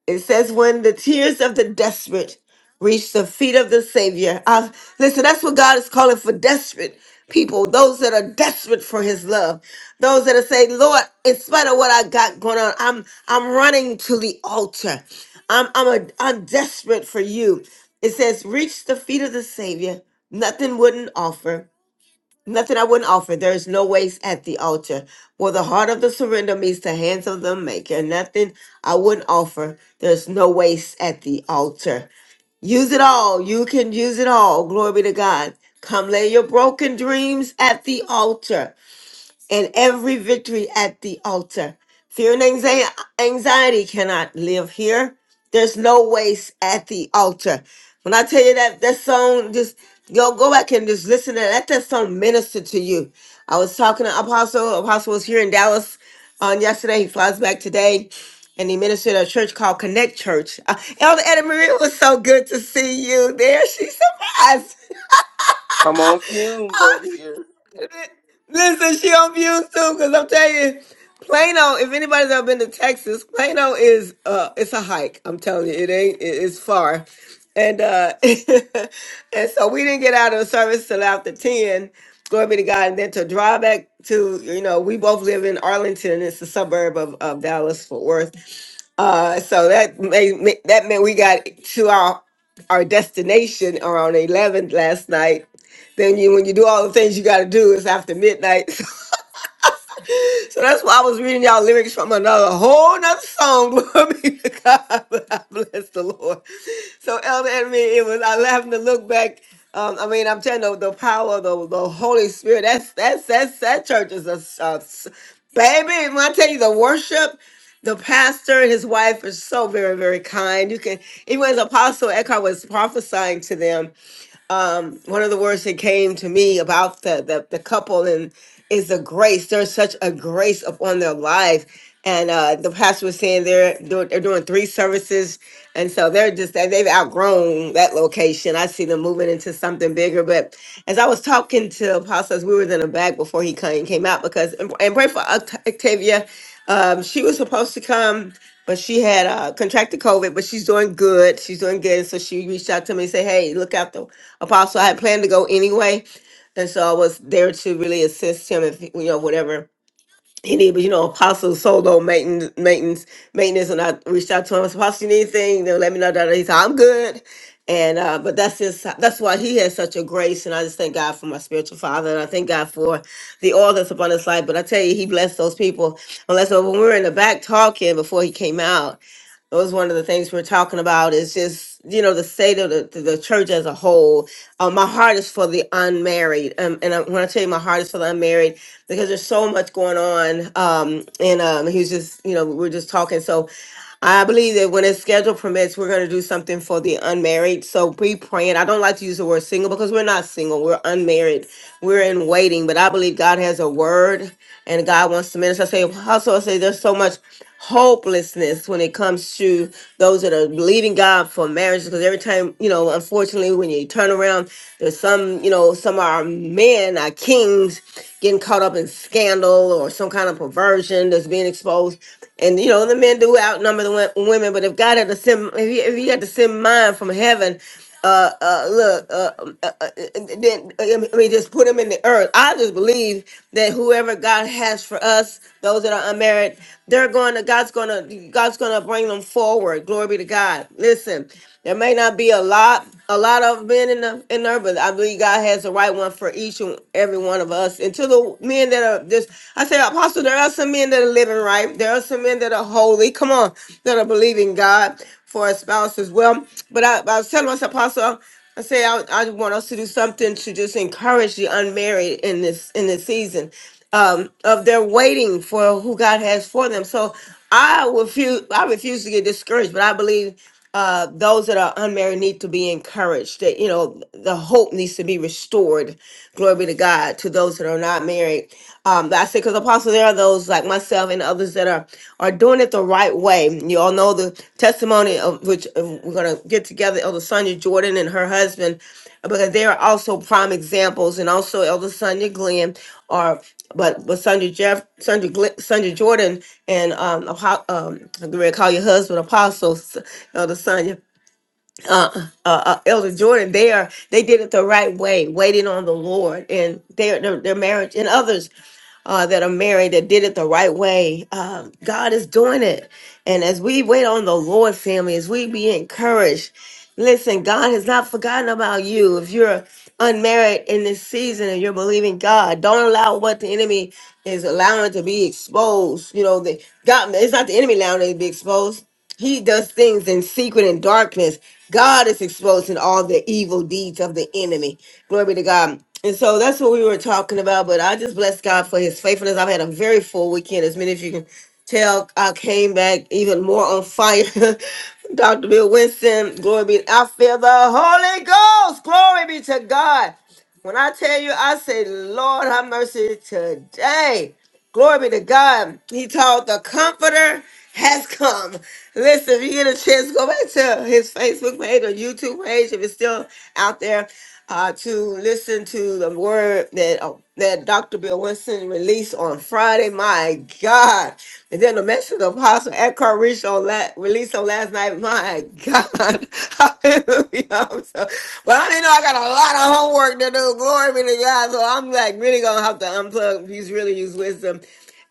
Speaker 1: It says, when the tears of the desperate reach the feet of the Savior. Uh, listen, that's what God is calling for desperate people, those that are desperate for his love. Those that are saying, Lord, in spite of what I got going on, I'm I'm running to the altar. I'm I'm a I'm desperate for you. It says, reach the feet of the Savior. Nothing wouldn't offer. Nothing I wouldn't offer. There is no waste at the altar. Well, the heart of the surrender meets the hands of the maker. Nothing I wouldn't offer. There's no waste at the altar. Use it all. You can use it all. Glory be to God. Come lay your broken dreams at the altar and every victory at the altar. Fear and anxie- anxiety cannot live here. There's no waste at the altar. When I tell you that that song, just go go back and just listen to that. Let that song minister to you. I was talking to Apostle. Apostle was here in Dallas on yesterday. He flies back today, and he ministered at a church called Connect Church. Uh, Elder Anna Marie it was so good to see you there. She surprised
Speaker 2: I'm on fumes over here.
Speaker 1: Listen, she on views too, cause I'm telling you, Plano. If anybody's ever been to Texas, Plano is uh, it's a hike. I'm telling you, it ain't. It, it's far, and uh, and so we didn't get out of the service till after ten. Glory be to God, and then to drive back to you know, we both live in Arlington. It's a suburb of, of Dallas Fort Worth uh, so that made, that meant we got to our our destination around eleven last night. Then you, when you do all the things you got to do, it's after midnight. so that's why I was reading y'all lyrics from another whole nother song. Glory be to God. But I bless the Lord. So Elder Enemy, it was I having to look back. Um, I mean, I'm telling you, the power of the, the Holy Spirit. That's that's that's that church is a, a baby. When I tell you the worship the pastor and his wife are so very, very kind. You can, even anyways, Apostle Eckhart was prophesying to them um, one of the words that came to me about the, the, the couple and is the grace. There's such a grace upon their life. And uh, the pastor was saying they're doing, they're doing three services. And so they're just, they- they've outgrown that location. I see them moving into something bigger. But as I was talking to Apostle, as we were in the back before he came, came out because, and pray for Oct- Octavia. Um, she was supposed to come but she had uh, contracted COVID, but she's doing good. She's doing good. And so she reached out to me and said, Hey, look out the apostle. I had planned to go anyway. And so I was there to really assist him if, you know, whatever he needed, but you know, Apostle solo maintenance, maintenance, maintenance. And I reached out to him. I said, Apostle, you need anything? Then let me know. That he said, I'm good. And uh, but that's just that's why he has such a grace, and I just thank God for my spiritual father, and I thank God for the oil that's upon his life. But I tell you, he blessed those people. Unless uh, when we were in the back talking before he came out, that was one of the things we're talking about. Is just you know the state of the, the church as a whole. Uh, my heart is for the unmarried, um, and I, when I tell you my heart is for the unmarried, because there's so much going on. Um, and um, he was just you know we we're just talking. So I believe that when his schedule permits, we're going to do something for the unmarried. So be praying. I don't like to use the word single because we're not single. We're unmarried. We're in waiting. But I believe God has a word and God wants to minister. I say, also I say, there's so much hopelessness when it comes to those that are believing God for marriage. Because every time, you know, unfortunately, when you turn around, there's some, you know, some are men, are kings, getting caught up in scandal or some kind of perversion that's being exposed. And you know, the men do outnumber the wo- women. But if God had to send, if He, if he had to send mine from heaven. Uh, uh, look, uh, um, uh, uh, then uh, I mean, just put them in the earth. I just believe that whoever God has for us, those that are unmarried, they're going to God's going to God's going to bring them forward. Glory be to God. Listen, there may not be a lot, a lot of men in the in there, but I believe God has the right one for each and every one of us. And to the men that are just, I say, Apostle, there are some men that are living right. There are some men that are holy. Come on, that are believing God for a spouse as well. But I, I was telling myself, Apostle, I say I, I want us to do something to just encourage the unmarried in this in this season um, of their waiting for who God has for them. So I refuse. I refuse to get discouraged, but I believe uh, those that are unmarried need to be encouraged. That you know, the hope needs to be restored Glory be to God to those that are not married. Um, I say, because apostle, there are those like myself and others that are are doing it the right way. You all know the testimony of which uh, we're gonna get together, Elder Sonia Jordan and her husband, because they are also prime examples, and also Elder Sonia Glenn are but but Sandra Jeff, Sandra Gl- Sandra Jordan, and um, Apo- um, I'm call your husband Apostle, S- Elder Sonia uh, uh, uh, Elder Jordan, they are they did it the right way, waiting on the Lord and their their, their marriage and others uh, that are married that did it the right way. Um, God is doing it. And as we wait on the Lord, family, as we be encouraged, listen, God has not forgotten about you. If you're unmarried in this season and you're believing God, don't allow what the enemy is allowing to be exposed. You know, the, God, it's not the enemy allowing it to be exposed. He does things in secret and darkness. God is exposing all the evil deeds of the enemy. Glory to God. And so that's what we were talking about. But I just bless God for his faithfulness. I've had a very full weekend. As many of you can tell, I came back even more on fire. Dr. Bill Winston, glory be. I feel the Holy Ghost. Glory be to God. When I tell you, I say, Lord, have mercy today. Glory be to God. He taught the comforter has come. Listen, if you get a chance, go back to his Facebook page or YouTube page if it's still out there uh, to listen to the word that uh, that Dr. Bill Winston released on Friday. My God. And then the message of Apostle Eckhart Rich on la- released on last night. My God. Hallelujah. I'm so- well, I didn't know I got a lot of homework to do. Glory be to God. So I'm like really going to have to unplug. He's really used wisdom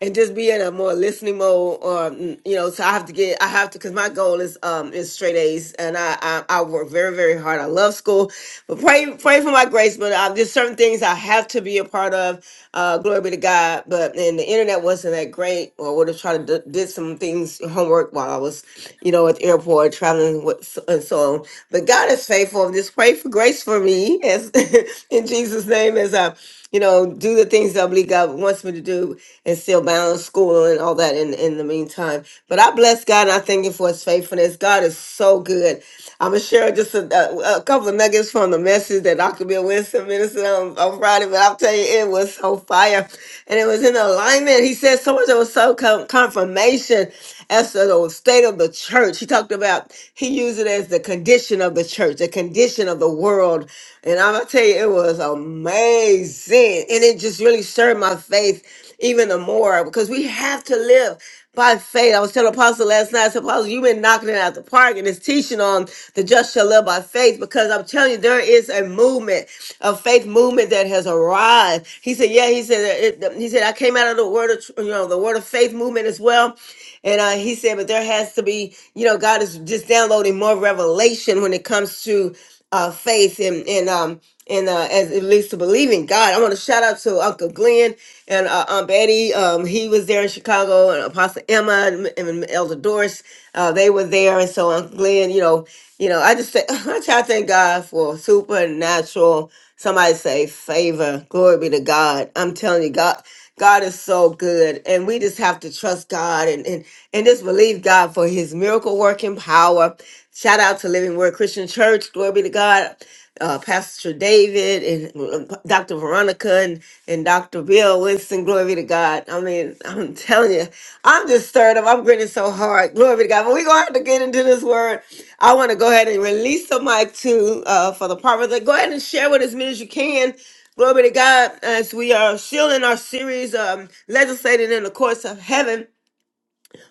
Speaker 1: and just be in a more listening mode or mm, you know so i have to get i have to because my goal is um is straight a's and I, I i work very very hard i love school but pray pray for my grace but um, there's certain things i have to be a part of uh glory be to god but and the internet wasn't that great or would have tried to d- did some things homework while i was you know at the airport traveling with s- and so on but god is faithful just pray for grace for me as in jesus name as i you know do the things that i believe god wants me to do and still balance school and all that in, in the meantime. But I bless God and I thank Him for His faithfulness. God is so good. I'm going to share just a, a, a couple of nuggets from the message that Dr. Bill Winston ministered on, on Friday, but I'll tell you, it was so fire. And it was in alignment. He said so much, it was so com- confirmation as to the state of the church. He talked about, he used it as the condition of the church, the condition of the world. And I'm gonna tell you, it was amazing. And it just really stirred my faith even the more because we have to live by faith. I was telling Apostle last night, I said, Apostle, you've been knocking it out the park and it's teaching on the just shall live by faith because I'm telling you, there is a movement, a faith movement that has arrived. He said, Yeah, he said, it, he said, I came out of the word of, tr- you know, the word of faith movement as well. And uh, he said, but there has to be, you know, God is just downloading more revelation when it comes to uh, faith and and um and uh, as it leads to believing God. I want to shout out to Uncle Glenn and uh, Aunt Betty. Um, he was there in Chicago, and Apostle Emma and, and Elder Doris. Uh, they were there, and so Uncle Glenn, you know, you know, I just say, I try to thank God for supernatural. Somebody say favor. Glory be to God. I'm telling you, God. God is so good. And we just have to trust God and, and, and just believe God for his miracle working power. Shout out to Living Word Christian Church. Glory be to God. Uh, Pastor David and uh, Dr. Veronica and, and Dr. Bill Winston. Glory be to God. I mean, I'm telling you, I'm just stirred up. I'm grinning so hard. Glory be to God. But we're going to have to get into this word. I want to go ahead and release the mic to uh, for the prophet. Go ahead and share with as many as you can Glory to God as we are still in our series, um, legislating in the courts of heaven.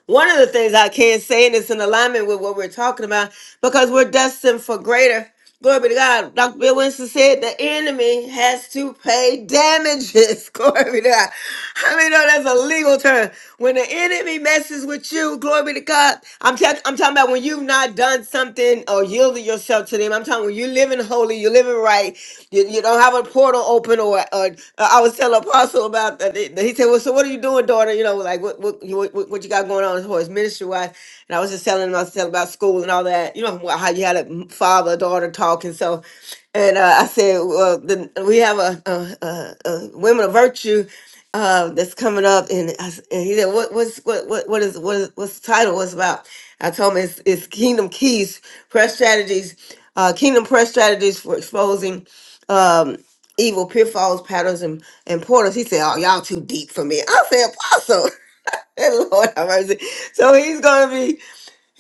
Speaker 1: One of the things I can say, and it's in alignment with what we're talking about, because we're destined for greater. Glory be to God. Dr. Bill Winston said the enemy has to pay damages. Glory be to God. I mean, know that's a legal term. When the enemy messes with you, glory be to God. I'm, ta- I'm talking about when you've not done done something or yielded yourself to them, I'm talking when you're living holy, you're living right, you, you don't have a portal open or, or uh, I was telling Apostle about that. He said, Well, so what are you doing, daughter? You know, like what what you- what, what you got going on as far as ministry wise? And I was just telling him I was telling about school and all that, you know, how you had a father, daughter talk. And so and uh, I said, "Well, the, we have a, a, a, a women of virtue uh, that's coming up," and, I, s- and he said, "What what's what what what is what is what's the title? What's it about?" I told him it's, it's Kingdom Keys Press Strategies, uh, Kingdom Press Strategies for exposing um, evil pitfalls, patterns, and, and portals. He said, "Oh, y'all too deep for me." I said, "Apostle." Lord have mercy. So he's gonna be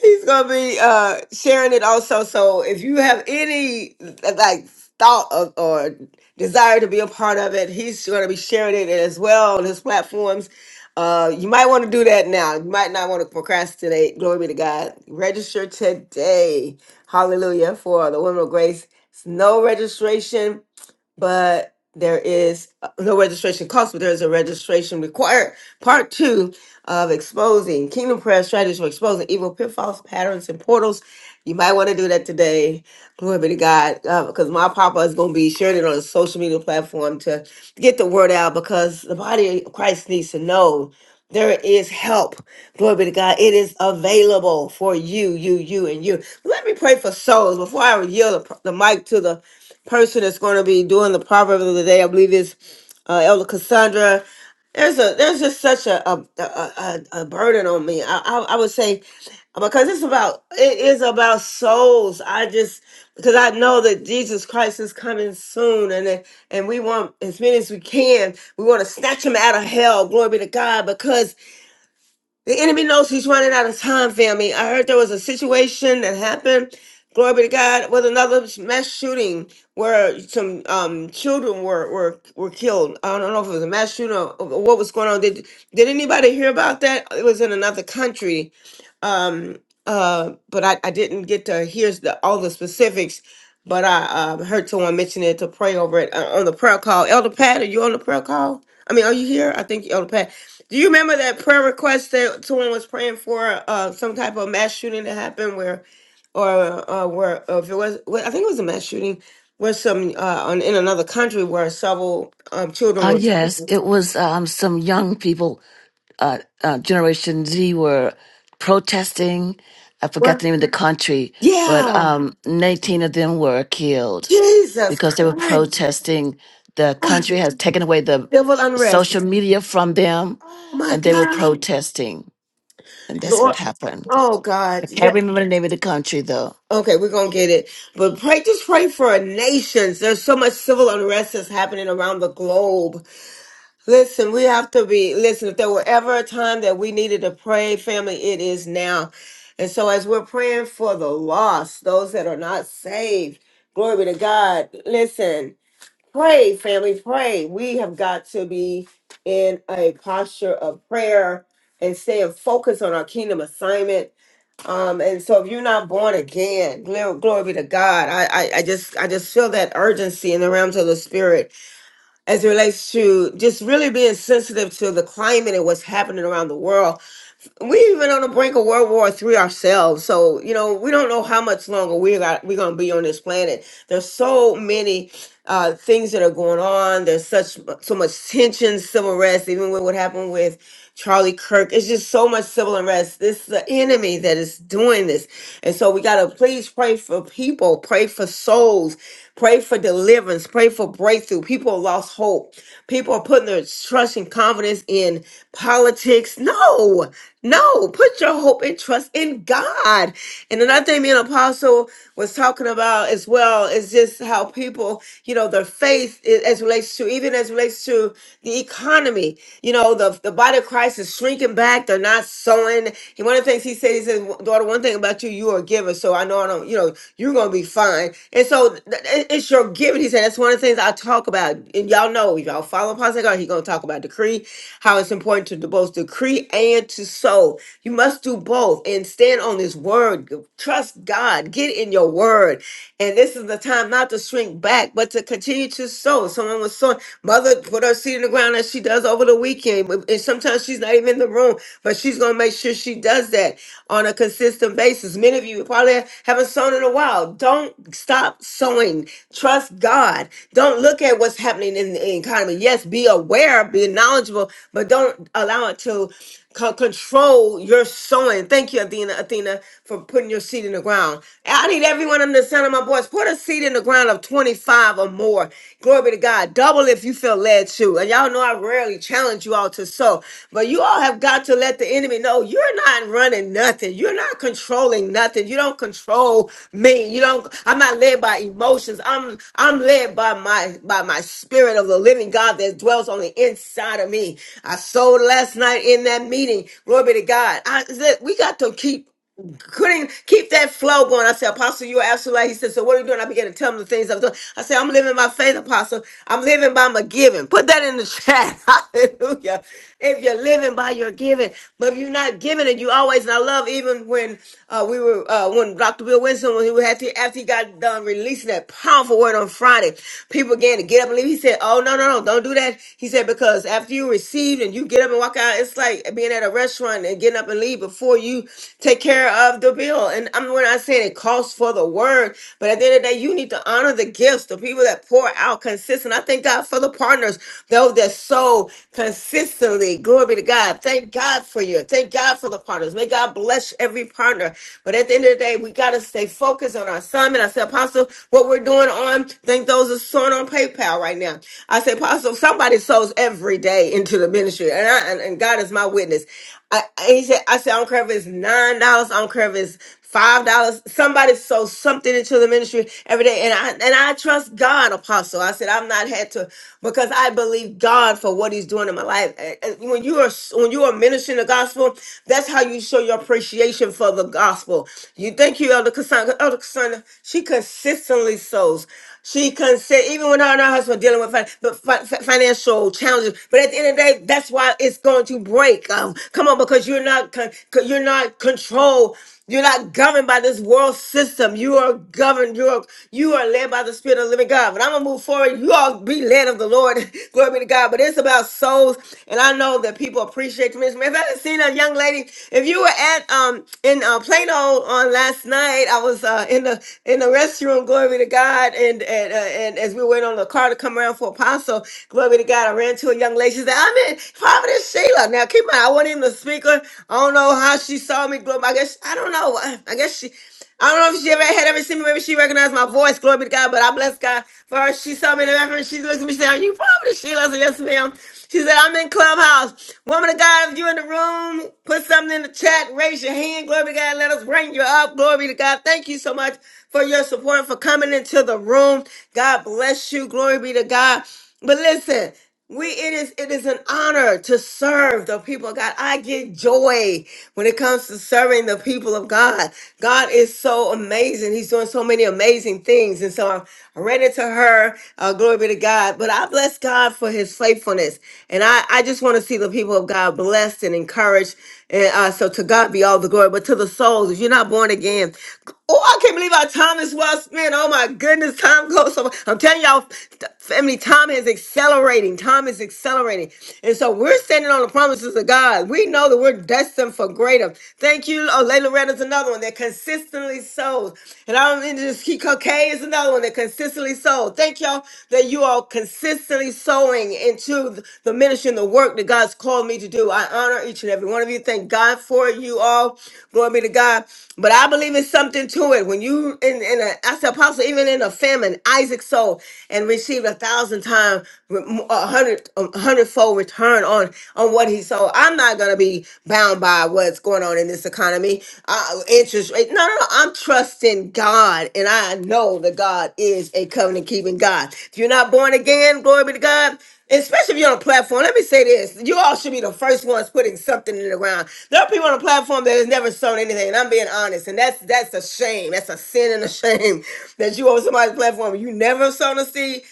Speaker 1: He's gonna be uh sharing it also. So if you have any like thought of, or desire to be a part of it, he's gonna be sharing it as well on his platforms. Uh, you might want to do that now. You might not want to procrastinate. Glory be to God. Register today. Hallelujah for the Women of Grace. It's no registration but there is uh, no registration cost, but there is a registration required. Part two of exposing Kingdom Prayer strategies for exposing evil pitfalls, patterns, and portals. You might want to do that today. Glory be to God, because my papa is going to be sharing it on a social media platform to get the word out. Because the body of Christ needs to know there is help. Glory be to God. It is available for you, you, you, and you. Let me pray for souls before I yield the the mic to the person that's going to be doing the proverb of the day. I believe is uh, Elder Cassandra. There's a there's just such a a, a, a a burden on me. I, I I would say because it's about it is about souls. I just because I know that Jesus Christ is coming soon, and that- and we want as many as we can. We want to snatch them out of hell. Glory be to God, because the enemy knows he's running out of time, family. I heard there was a situation that happened. Glory be to God with another mass shooting where some um, children were, were were killed. I don't know if it was a mass shooting or, or what was going on. Did did anybody hear about that? It was in another country, um, uh, but I, I didn't get to hear the, all the specifics. But I um, heard someone mention it to pray over it uh, on the prayer call. Elder Pat, are you on the prayer call? I mean, are you here? I think Elder Pat. Do you remember that prayer request that someone was praying for uh, some type of mass shooting that happened where, or uh, where uh, if it was, well, I think it was a mass shooting, where some uh, on, in another country where several um, children
Speaker 10: Uh,
Speaker 1: were.
Speaker 10: yes, it was um, some young people, uh, uh, Generation Z, were protesting. I forgot
Speaker 1: were
Speaker 10: the name of the country, but
Speaker 1: yeah,
Speaker 10: um, 19 of them were killed
Speaker 1: Jesus
Speaker 10: because they were
Speaker 1: Christ,
Speaker 10: protesting. The
Speaker 1: oh,
Speaker 10: country has taken away the
Speaker 1: civil
Speaker 10: social
Speaker 1: unrest.
Speaker 10: media from them,
Speaker 1: Oh my
Speaker 10: and they were
Speaker 1: God,
Speaker 10: protesting. And that's what
Speaker 1: Lord,
Speaker 10: happened.
Speaker 1: oh
Speaker 10: I
Speaker 1: God, yeah.
Speaker 10: can't remember the name of the country, though.
Speaker 1: Okay, we're gonna get it, but pray. Just pray for our nations. There's so much civil unrest that's happening around the globe Listen, we have to be, listen, if there were ever a time that we needed to pray, family, it is now. And so as we're praying for the lost, those that are not saved, glory be to God. Listen, pray, family, pray. We have got to be in a posture of prayer and staying focused on our kingdom assignment. Um, and so if you're not born again, glory, glory be to God. I, I, I just I just feel that urgency in the realms of the spirit as it relates to just really being sensitive to the climate and what's happening around the world we've been on the brink of World War III ourselves, so you know we don't know how much longer we got we're gonna be on this planet. There's so many uh, things that are going on. There's such so much tension, civil unrest, even with what happened with Charlie Kirk. It's just so much civil unrest. This is the enemy that is doing this, and so we gotta please pray for people, pray for souls, pray for deliverance, pray for breakthrough. People lost hope. People are putting their trust and confidence in politics. No. No, put your hope and trust in God. And another thing me and Apostle was talking about as well is just how people, you know, their faith i- as relates to, even as relates to the economy, you know, the, the body of Christ is shrinking back. They're not so sowing. And one of the things he said, he said, daughter, one thing about you, you are a giver. So I know I don't, you know, you're going to be fine. And so th- th- it's your giving. He said, that's one of the things I talk about. And y'all know, if y'all follow Pastor God, he's going to talk about decree, how it's important to both decree and to sow. You must do both and stand on this word. Trust God. Get in your word. And this is the time not to shrink back, but to continue to sow. Someone was sowing. Mother put her seed in the ground as she does over the weekend. And sometimes she's not even in the room, but she's going to make sure she does that on a consistent basis. Many of you probably haven't sown in a while. Don't stop sowing. Trust God. Don't look at what's happening in the economy. Yes, be aware, be knowledgeable, but don't allow it to co- control your sowing. Thank you, Athena, Athena, for putting your seed in the ground. I need everyone under the sound of my voice. Put a seed in the ground of 25 or more. Glory be to God. God. Double if you feel led to. And y'all know I rarely challenge you all to sow, but you all have got to let the enemy know you're not running nothing. You're not controlling nothing. You don't control me. You don't. I'm not led by emotions. I'm I'm led by my by my spirit of the living God that dwells on the inside of me. I sowed last night in that meeting. Glory be to God. I said we got to keep couldn't keep that flow going. I said, Apostle, you're absolutely right. He said, So what are you doing? I began to tell him the things I was doing. I said, I'm living by faith, Apostle. I'm living by my giving. Put that in the chat. Hallelujah. If you're living by your giving, but if you're not giving it, you always, and I love even when uh, we were, uh, when Dr. Bill Winston, when he had to, after he got done releasing that powerful word on Friday, people began to get up and leave. He said, Oh, no, no, no, don't do that. He said, Because after you receive and you get up and walk out, it's like being at a restaurant and getting up and leave before you take care of the bill. And I'm we're not saying it costs for the word, but at the end of the day, you need to honor the gifts, the people that pour out consistent. I thank God for the partners, those that sow consistently. Glory be to God. Thank God for you. Thank God for the partners. May God bless every partner. But at the end of the day, we got to stay focused on our assignment. I said, Apostle, what we're doing on, thank those that sowing on PayPal right now. I said, Apostle, somebody sows every day into the ministry. And, I, and, and God is my witness. I, I said, I said, I don't care if it's nine dollars, I don't care if it's five dollars. Somebody sold something into the ministry every day, and I and I trust God, Apostle. I said I've not had to because I believe God for what He's doing in my life. And- and When you are when you are ministering the gospel, that's how you show your appreciation for the gospel. You thank you, Elder Cassandra. Elder Cassandra, she consistently sows. She consent, even when her and her husband dealing with fin- but fi- fi- financial challenges. But at the end of the day, that's why it's going to break. Um, come on, because you're not con- con- you're not controlled. You're not governed by this world system. You are governed. You are you are led by the Spirit of the Living God. But I'm gonna move forward. You all be led of the Lord. Glory be to God. But it's about souls, and I know that that people appreciate you. As a matter of fact, I seen a young lady. If you were at um in uh, Plano on last night, I was uh, in the in the restroom. Glory be to God. And and, uh, and as we went on the car to come around for Apostle, glory be to God. I ran to a young lady. She said, "I'm in Providence, Sheila." Now keep in mind, I wasn't even the speaker. I don't know how she saw me. Glory, I guess I don't know. I guess she. I don't know if she ever had ever seen me. Maybe she recognized my voice. Glory be to God. But I bless God for her. She saw me in the reference. She looked at me. She said, Are you probably Sheila? I said, Yes, ma'am. She said, I'm in Clubhouse. Woman of God, if you're in the room, put something in the chat. Raise your hand. Glory be to God. Let us bring you up. Glory be to God. Thank you so much for your support, for coming into the room. God bless you. Glory be to God. But listen. We it is it is an honor to serve the people of God. I get joy when it comes to serving the people of God. God is so amazing. He's doing so many amazing things. And so I I ran into her. Uh, glory be to God. But I bless God for his faithfulness. And I, I just want to see the people of God blessed and encouraged. And uh, so to God be all the glory. But to the souls, if you're not born again, oh, I can't believe how time is well spent. Oh my goodness, time goes so I'm telling y'all, family, time has accelerated accelerating. Time is accelerating. And so we're standing on the promises of God. We know that we're destined for greater. Thank you. Oh, Layla Reynolds, another one that consistently sows. And I'm in this Kiko K is another one that consistently sows. Thank y'all that you are consistently sowing into th- the ministry and the work that God's called me to do. I honor each and every one of you. Thank God for you all. Glory be to God. But I believe it's something to it. When you in, in a, as apostle, even in a famine, Isaac sowed and received a thousand thousand times, a hundred, a hundredfold return on on what he sold. I'm not gonna be bound by what's going on in this economy, uh, interest rate. No, no, no. I'm trusting God, and I know that God is a covenant keeping God. If you're not born again, glory be to God. Especially if you're on a platform, let me say this: you all should be the first ones putting something in the ground. There are people on the platform that has never sown anything, and I'm being honest, and that's that's a shame. That's a sin and a shame that you on somebody's platform and you never sown a seed.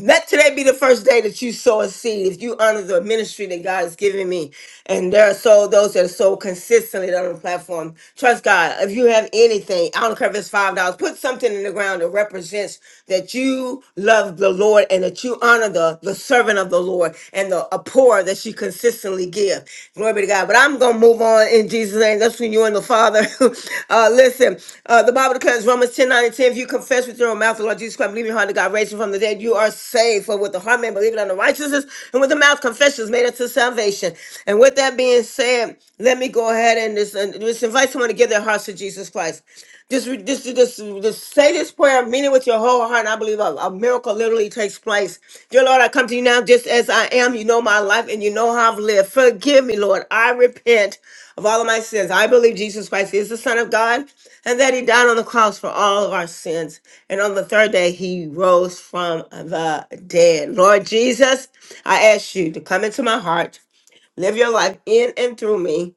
Speaker 1: Let today be the first day that you sow a seed. If you honor the ministry that God has given me, and there are so those that are so consistently on the platform, trust God. If you have anything, I don't care if it's five dollars, put something in the ground that represents that you love the Lord and that you honor the the servant of the Lord and the a poor that she consistently give. Glory be to God. But I'm gonna move move on in Jesus' name. That's when you and the Father. uh, listen, uh, the Bible declares Romans 10 9 and 10. If you confess with your own mouth the Lord Jesus Christ, believe in your heart that God raised him from the dead, you are saved. For with the heart man believing unto righteousness, and with the mouth confession is made unto salvation. And with that being said, let me go ahead and just, and just invite someone to give their hearts to Jesus Christ. Just, re- just, just, just say this prayer, mean it with your whole heart. And I believe a, a miracle literally takes place. Dear Lord, I come to you now just as I am. You know my life and you know how I've lived. Forgive me, Lord. I repent of all of my sins. I believe Jesus Christ is the Son of God and that he died on the cross for all of our sins. And on the third day, he rose from the dead. Lord Jesus, I ask you to come into my heart, live your life in and through me.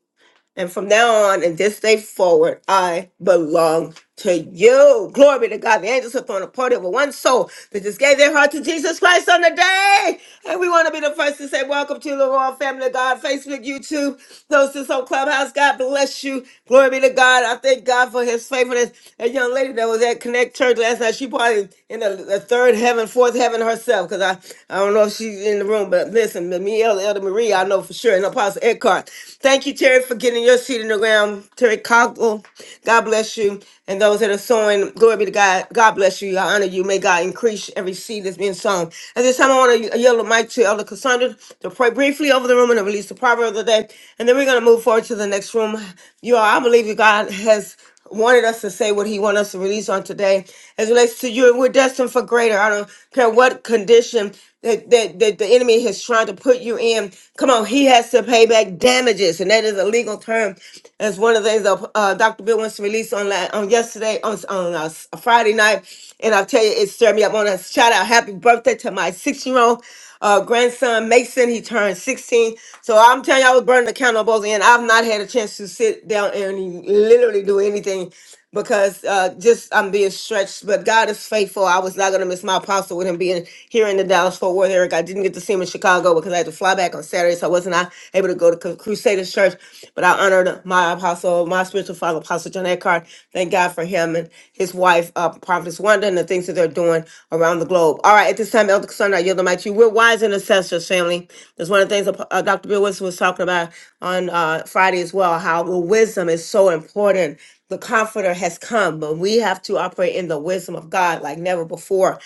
Speaker 1: And from now on and this day forward, I belong to you. Glory be to God. The angels have thrown a party over one soul that just gave their heart to Jesus Christ on the day. And we want to be the first to say, Welcome to the Royal Family of God, Facebook, YouTube, those that's on Clubhouse. God bless you. Glory be to God. I thank God for his faithfulness. A young lady that was at Connect Church last night, she probably in the, the third heaven, fourth heaven herself, because I, I don't know if she's in the room, but listen, me, Elder Elder Marie, I know for sure, and Apostle. Apostle Eckhart. Thank you, Terry, for getting your seat in the ground. Terry Cockle, God bless you. And those that are sowing, glory be to God. God bless you. I honor you. May God increase every seed that's being sown. At this time, I want to yield the mic to Elder Cassandra to pray briefly over the room and to release the proverb of the day. And then we're going to move forward to the next room. You all, I believe that God has wanted us to say what he wanted us to release on today as it relates to you and we're destined for greater i don't care what condition that, that, that the enemy has tried to put you in come on he has to pay back damages and that is a legal term that's one of the things that uh, dr bill wants to release on la- on yesterday on, on uh, friday night and i'll tell you it stirred me up on a shout out happy birthday to my six year old uh, grandson Mason. He turned 16. So I'm telling you, I was burning the candle on both ends. I've not had a chance to sit down and literally do anything because uh, just I'm being stretched. But God is faithful. I was not going to miss my apostle with him being here in the Dallas Fort Worth area. I didn't get to see him in Chicago because I had to fly back on Saturday, so I wasn't able to go to Cru- Crusaders Church. But I honored my apostle. Apostle, my spiritual father, Apostle John Eckhart. Thank God for him and his wife, uh, Prophetess Wanda, and the things that they're doing around the globe. All right, at this time, Elder Cassandra, I yield the mic to you. We're wise intercessors, family. That's one of the things uh, Dr. Bill Wilson was talking about on uh, Friday as well, how the wisdom is so important the comforter has come but we have to operate in the wisdom of god like never before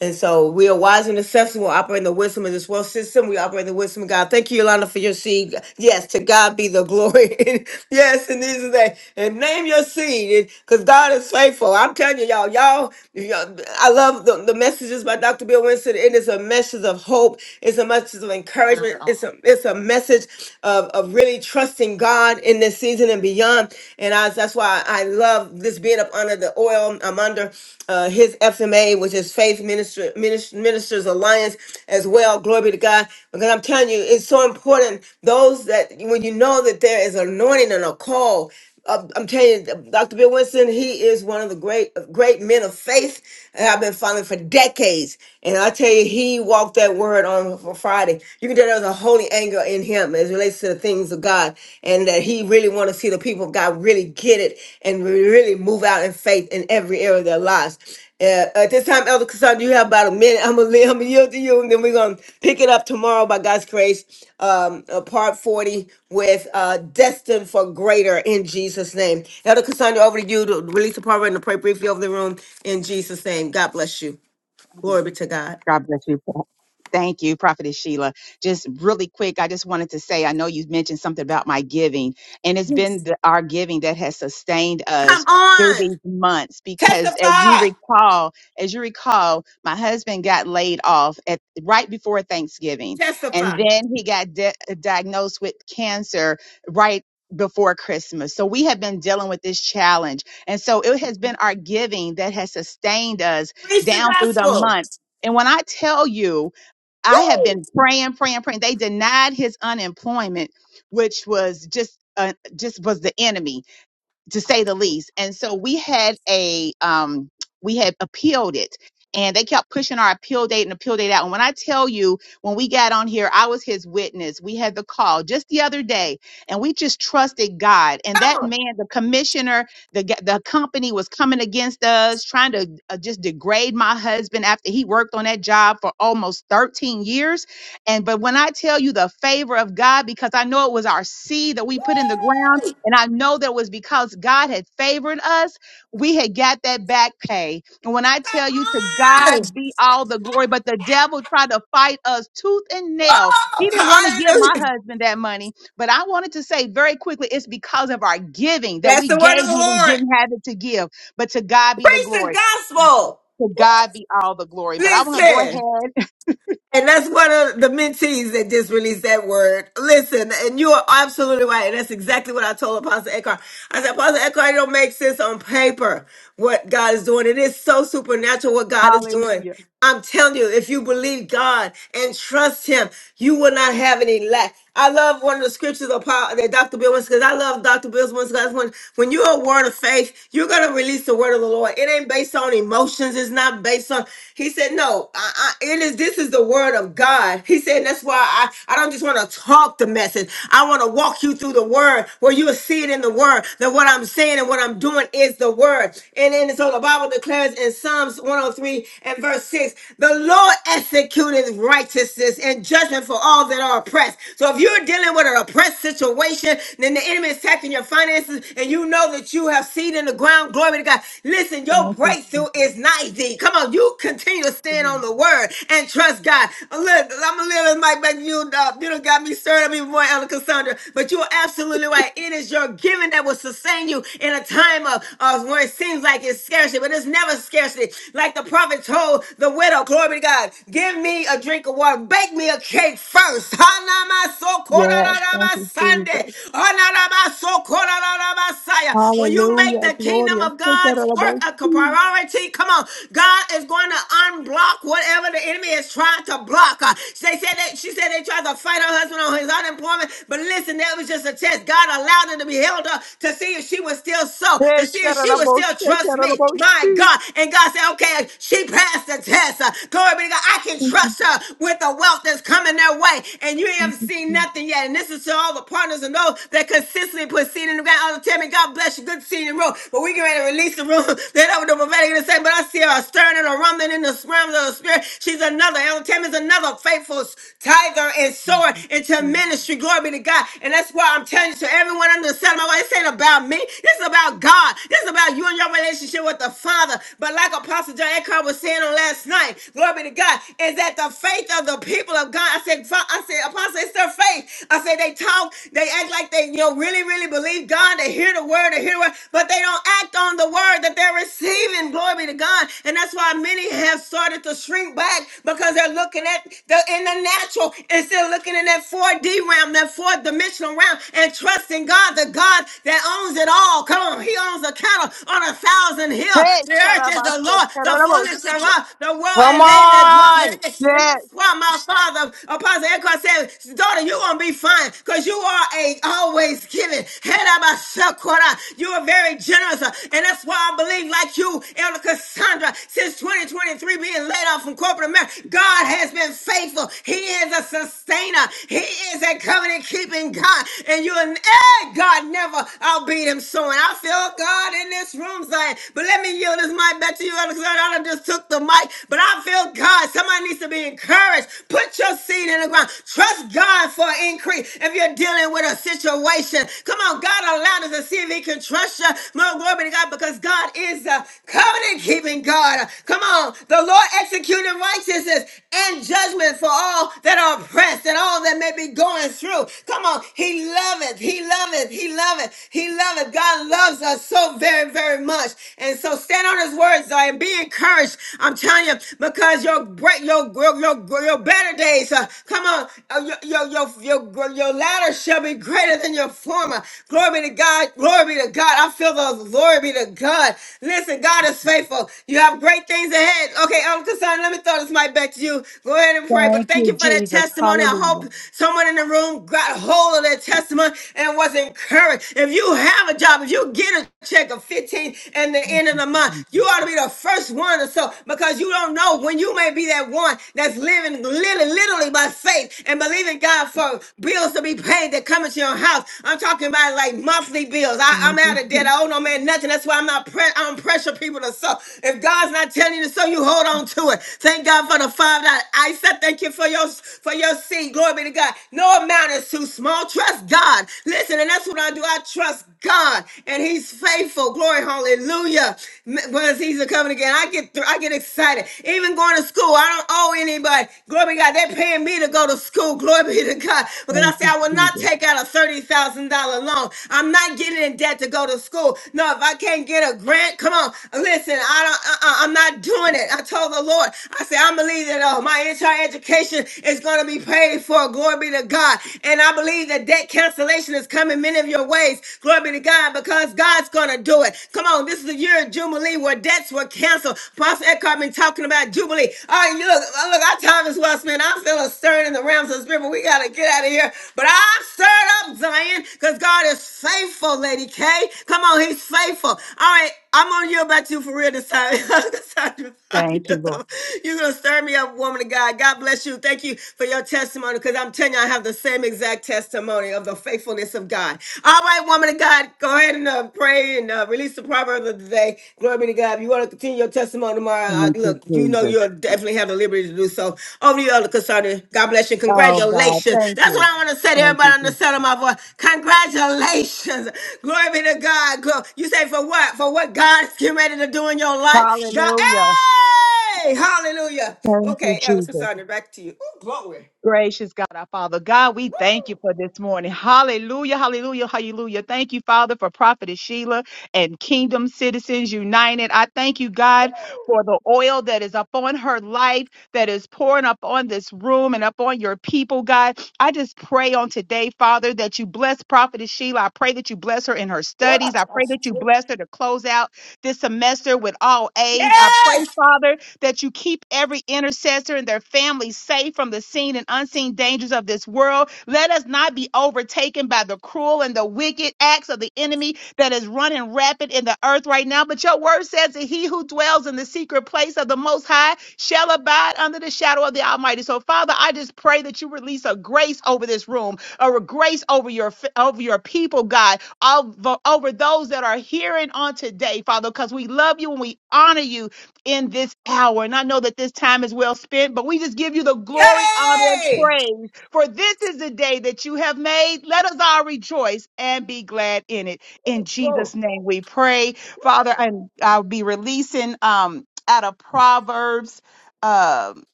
Speaker 1: and so we are wise and accessible. We operate in the wisdom of this world system. We operate in the wisdom of God. Thank you, Yolanda, for your seed. Yes, to God be the glory. yes, and this is that. And name your seed because God is faithful. I'm telling you, y'all, y'all, y'all I love the, the messages by Dr. Bill Winston. It is a message of hope. It's a message of encouragement. It's a, it's a message of, of really trusting God in this season and beyond. And I, that's why I, I love this being up under the oil. I'm under uh, his FMA, which is Faith Minister, Minis- Ministers Alliance as well. Glory be to God. Because I'm telling you, it's so important. Those that, when you know that there is anointing and a call, uh, I'm telling you, Dr. Bill Winston, he is one of the great great men of faith that I've been following for decades. And I tell you, he walked that word on for Friday. You can tell there was a holy anger in him as it relates to the things of God, and that he really want to see the people of God really get it and really move out in faith in every area of their lives. Uh, at this time, Elder Cassandra, you have about a minute. I'm gonna, I'm gonna yield to you, and then we're gonna pick it up tomorrow by God's grace, um, uh, part 40 with uh, destined for greater in Jesus' name. Elder Cassandra, over to you to release the power and to pray briefly over the room in Jesus' name. God bless you. Glory be to God.
Speaker 11: God bless you. Pro- Thank you, Prophetess Sheila. Just really quick, I just wanted to say I know you mentioned something about my giving, and it's been the, our giving that has sustained
Speaker 1: Come
Speaker 11: us through
Speaker 1: on,
Speaker 11: these months because as you
Speaker 1: testify,
Speaker 11: recall as you recall my husband got laid off at right before thanksgiving and
Speaker 1: testify.
Speaker 11: then he got di- diagnosed with cancer right before christmas so we have been dealing with this challenge and so it has been our giving that has sustained us
Speaker 1: Preach the
Speaker 11: down through the
Speaker 1: gospel.
Speaker 11: month and when I tell you, I have been praying, praying, praying. They denied his unemployment, which was just uh, just was the enemy to say the least. And so we had a um we had appealed it and they kept pushing our appeal date and appeal date out. And when I tell you, when we got on here, I was his witness. We had the call just the other day and we just trusted God. And that man, the commissioner, the, g- the company was coming against us, trying to uh, just degrade my husband after he worked on that job for almost 13 years. And but when I tell you the favor of God, because I know it was our seed that we put in the ground and I know that was because God had favored us. We had got that back pay. And when I
Speaker 1: Come
Speaker 11: tell you to
Speaker 1: on.
Speaker 11: God be all the glory, but the devil tried to fight us tooth and nail. He
Speaker 1: Whoa.
Speaker 11: didn't want to give my
Speaker 1: Hallelujah.
Speaker 11: husband that money. But I wanted to say very quickly, it's because of our giving that
Speaker 1: That's
Speaker 11: we
Speaker 1: the word of
Speaker 11: gave
Speaker 1: the
Speaker 11: when we
Speaker 1: Lord.
Speaker 11: didn't have it to give. But to God be the
Speaker 1: Preach the
Speaker 11: glory.
Speaker 1: gospel.
Speaker 11: To God be all the glory. But I want to go
Speaker 1: Listen.
Speaker 11: ahead.
Speaker 1: And that's one of the mentees that just released that word. Listen, and you are absolutely right. And that's exactly what I told Apostle Eckhart. I said, Apostle Eckhart, it don't make sense on paper what God is doing. It is so supernatural what God is doing.
Speaker 11: Hallelujah.
Speaker 1: I'm telling you, if you believe God and trust Him, you will not have any lack. I love one of the scriptures of Paul, that Dr. Bill Winston, because I love Dr. Bill Winston. When, when you're a word of faith, you're going to release the word of the Lord. It ain't based on emotions. It's not based on, he said, no, I, I, it is, this is the word of God. He said, that's why I, I don't just want to talk the message. I want to walk you through the word where you will see it in the word that what I'm saying and what I'm doing doing is the word. And then so the Bible declares in Psalms 103 and verse 6 the Lord executeth righteousness and judgment for all that are oppressed. So if you're dealing with an oppressed situation, then the enemy is attacking your finances, and you know that you have seed in the ground. Glory to God. Listen, your
Speaker 11: Thank you,
Speaker 1: breakthrough is not thee. Come on, you continue to stand on
Speaker 11: Jesus.
Speaker 1: the word and trust God. I'm A little- I'm a little like, but you, uh, you don't got me stirred up even more right, Elder Cassandra. But you are absolutely right. It is your giving that will sustain you in a time of, of where it seems like it's scarcity, but it's never scarcity. Like the prophet told the widow, glory to God, give me a drink of water, bake me a cake first.
Speaker 11: Yes. Yes.
Speaker 1: Hanamasokorarabasande. Hanarabasokorarabasaya. When you make the kingdom of God's work a priority, come on, God is going to unblock whatever whatever the enemy is trying to block. Uh, they said that she said they tried to fight her husband on his unemployment, but listen, that was just a test. God allowed her to be held up to see if she was still so,
Speaker 11: Hey,
Speaker 1: to see if
Speaker 11: shut it
Speaker 1: she
Speaker 11: up,
Speaker 1: would
Speaker 11: oh,
Speaker 1: still
Speaker 11: shake it
Speaker 1: trust
Speaker 11: up,
Speaker 1: me.
Speaker 11: oh,
Speaker 1: My
Speaker 11: see.
Speaker 1: God. And God said, okay, she passed the test. Uh, glory be to God. I can
Speaker 11: Thank you,
Speaker 1: trust her with the wealth that's coming their way. And you ain't ever
Speaker 11: thank
Speaker 1: seen
Speaker 11: you,
Speaker 1: nothing yet. And this is to all the partners and those that consistently put seed in the ground. All the time, God bless you. Good seed and roll. But we get ready to and release the room. Then I over the prophetic to say, but I see her stirring and a rumbling in the realms of the spirit. She's another. El Tim is another faithful tiger and sword into ministry. Glory be to God. And that's why I'm telling you to everyone under the sound of my voice, this ain't about me. This is about God. This is about you and your relationship with the Father. But like Apostle John Eckhart was saying on last night, glory be to God, is that the faith of the people of God. I said, Fa- I said, Apostle, it's their faith. I said, they talk, they act like they, you know, really, really believe God. They hear the word, they hear the word, but they don't act on the word that they're receiving. Glory be to God. And that's why many have started to shrink back because they're looking at the in the natural instead of looking in that 4D realm, that fourth dimensional realm, and trusting God, the God that owns it all. Come on, He owns the cattle on a thousand hill.
Speaker 11: Hey,
Speaker 1: The earth is the
Speaker 11: Sharabaste,
Speaker 1: Lord, the fullness
Speaker 11: Sharabosia.
Speaker 1: thereof, the world
Speaker 12: Come
Speaker 1: and they that dwell in
Speaker 12: on.
Speaker 1: it.
Speaker 11: Yes.
Speaker 1: That's why my father, Apostle Eckhart said, daughter, you're going to be fine because you are a always giving. You are very generous. uh, And that's why I believe like you, Elder Cassandra, since 2023 being laid off from corporate America, God has been faithful. He is a sustainer. He is a covenant keeping God. And you and eh, God never outbeat him so. And I feel God in this room saying, but let me yield this mic back to you, Elder Cassandra. I done just took the mic, but but I feel God. Somebody needs to be encouraged. Put your seed in the ground. Trust God for increase. If you're dealing with a situation, come on, God allowed us to see if He can trust you. More glory to God because God is a covenant keeping God. Come on, the Lord executed righteousness and judgment for all that are oppressed and all that may be going through. Come on, He loveth, He loveth, He loveth, He loveth. God loves us so very, very much. And so stand on His words, are and be encouraged. I'm telling you, because your great, your your your, your better days, uh, come on, uh, your, your your your your latter shall be greater than your former. Glory be to God. Glory be to God. I feel the glory be to God. Listen, God is faithful. You have great things ahead. Okay, Uncle Son, let me throw this mic back to you. Go ahead and pray. But
Speaker 11: Thank
Speaker 1: thank
Speaker 11: you,
Speaker 1: you for that
Speaker 11: Jesus.
Speaker 1: testimony. I
Speaker 11: Hallelujah.
Speaker 1: hope someone in the room got hold of that testimony and was encouraged. If you have a job, if you get a check of fifteen and the end of the month. You ought to be the first one to so because you don't know when you may be that one that's living literally, literally by faith and believing God for bills to be paid that come into your house. I'm talking about like monthly bills. I,
Speaker 11: Thank
Speaker 1: I'm
Speaker 11: you, Jesus. Thank you,
Speaker 1: out of debt. I owe no man nothing. That's why I'm not pre- I don't pressure people to sow. If God's not telling you to sow, you hold on to it. Thank God for the five dollars. I said thank you for your for your seed. Glory be to God. No amount is too small. Trust God. Listen, and that's what I do. I trust God. God and He's faithful. Glory, hallelujah. M- When the season coming again, I get through, I get excited. Even going to school, I don't owe anybody. Glory be to God, they're paying me to go to school. Glory be to God. Because I
Speaker 11: thank
Speaker 1: say
Speaker 11: you,
Speaker 1: I will not
Speaker 11: Jesus.
Speaker 1: take out a thirty thousand dollar loan. I'm not getting in debt to go to school. No, if I can't get a grant, come on, listen. I don't. Uh-uh, I'm not doing it. I told the Lord. I said I believe that uh, my entire education is going to be paid for. Glory be to God. And I believe that debt cancellation is coming is coming many of your ways. Glory be to God because God's going to do it. Come on, this is a year of Jubilee where debts were canceled. Pastor Eckhart been talking about Jubilee. All right, look, uh, look, our time is well spent. I'm feeling stirred in the realms of the spirit, but we got to get out of here. But I'm stirred up, Zion, because God is faithful, Lady K. Come on, he's faithful. All right, I'm going on you about you for real this time. This time you-
Speaker 11: Thank you, Lord.
Speaker 1: You're gonna stir me up, woman of God. God bless you. Thank you for your testimony, because I'm telling you, I have the same exact testimony of the faithfulness of God. All right, woman of God, go ahead and uh, pray and uh, release the proverb of the day. Glory be to God. If you want to continue your testimony tomorrow, I,
Speaker 11: Thank you,
Speaker 1: look, you know. No,
Speaker 11: Jesus.
Speaker 1: you definitely have the liberty to do so. Over to you, Elder Concerning. God bless you.
Speaker 11: Oh, God.
Speaker 1: Congratulations.
Speaker 11: Thank
Speaker 1: That's what
Speaker 11: you.
Speaker 1: I want to say to
Speaker 11: Thank
Speaker 1: everybody
Speaker 11: you,
Speaker 1: on the
Speaker 11: Jesus.
Speaker 1: sound of my voice. Congratulations. Glory be to God. Glo- You say for what? For what God's getting ready to do in your life? God,
Speaker 11: Hallelujah.
Speaker 1: hey! Hallelujah.
Speaker 11: Thank you,
Speaker 1: Okay, Elder
Speaker 11: Jesus.
Speaker 1: Concerning, back to you. Ooh, glory.
Speaker 11: Gracious God, our Father. God, we thank you for this morning. Hallelujah, hallelujah, hallelujah. Thank you, Father, for Prophetess Sheila and Kingdom Citizens United. I thank you, God, for the oil that is upon her life, that is pouring upon this room and upon your people, God. I just pray on today, Father, that you bless Prophetess Sheila. I pray that you bless her in her
Speaker 1: What?
Speaker 11: studies. I pray that you bless her to close out this semester with all A's. I pray,
Speaker 1: Yes!
Speaker 11: Father, that you keep every intercessor and their families safe from the seen and unseen dangers of this world. Let us not be overtaken by the cruel and the wicked acts of the enemy that is running rapid in the earth right now. But your word says that he who dwells in the secret place of the Most High shall abide under the shadow of the Almighty. So, Father, I just pray that you release a grace over this room, a grace over your over your people, God, over, over those that are hearing on today, Father, because we love you and we honor you in this hour. And I know that this time is well spent, but we just give you the glory, honor, and
Speaker 1: Yay!
Speaker 11: praise. For this is the day that you have made. Let us all rejoice and be glad in it. In Jesus' name we pray. Father, and I'll be releasing um out of Proverbs. Um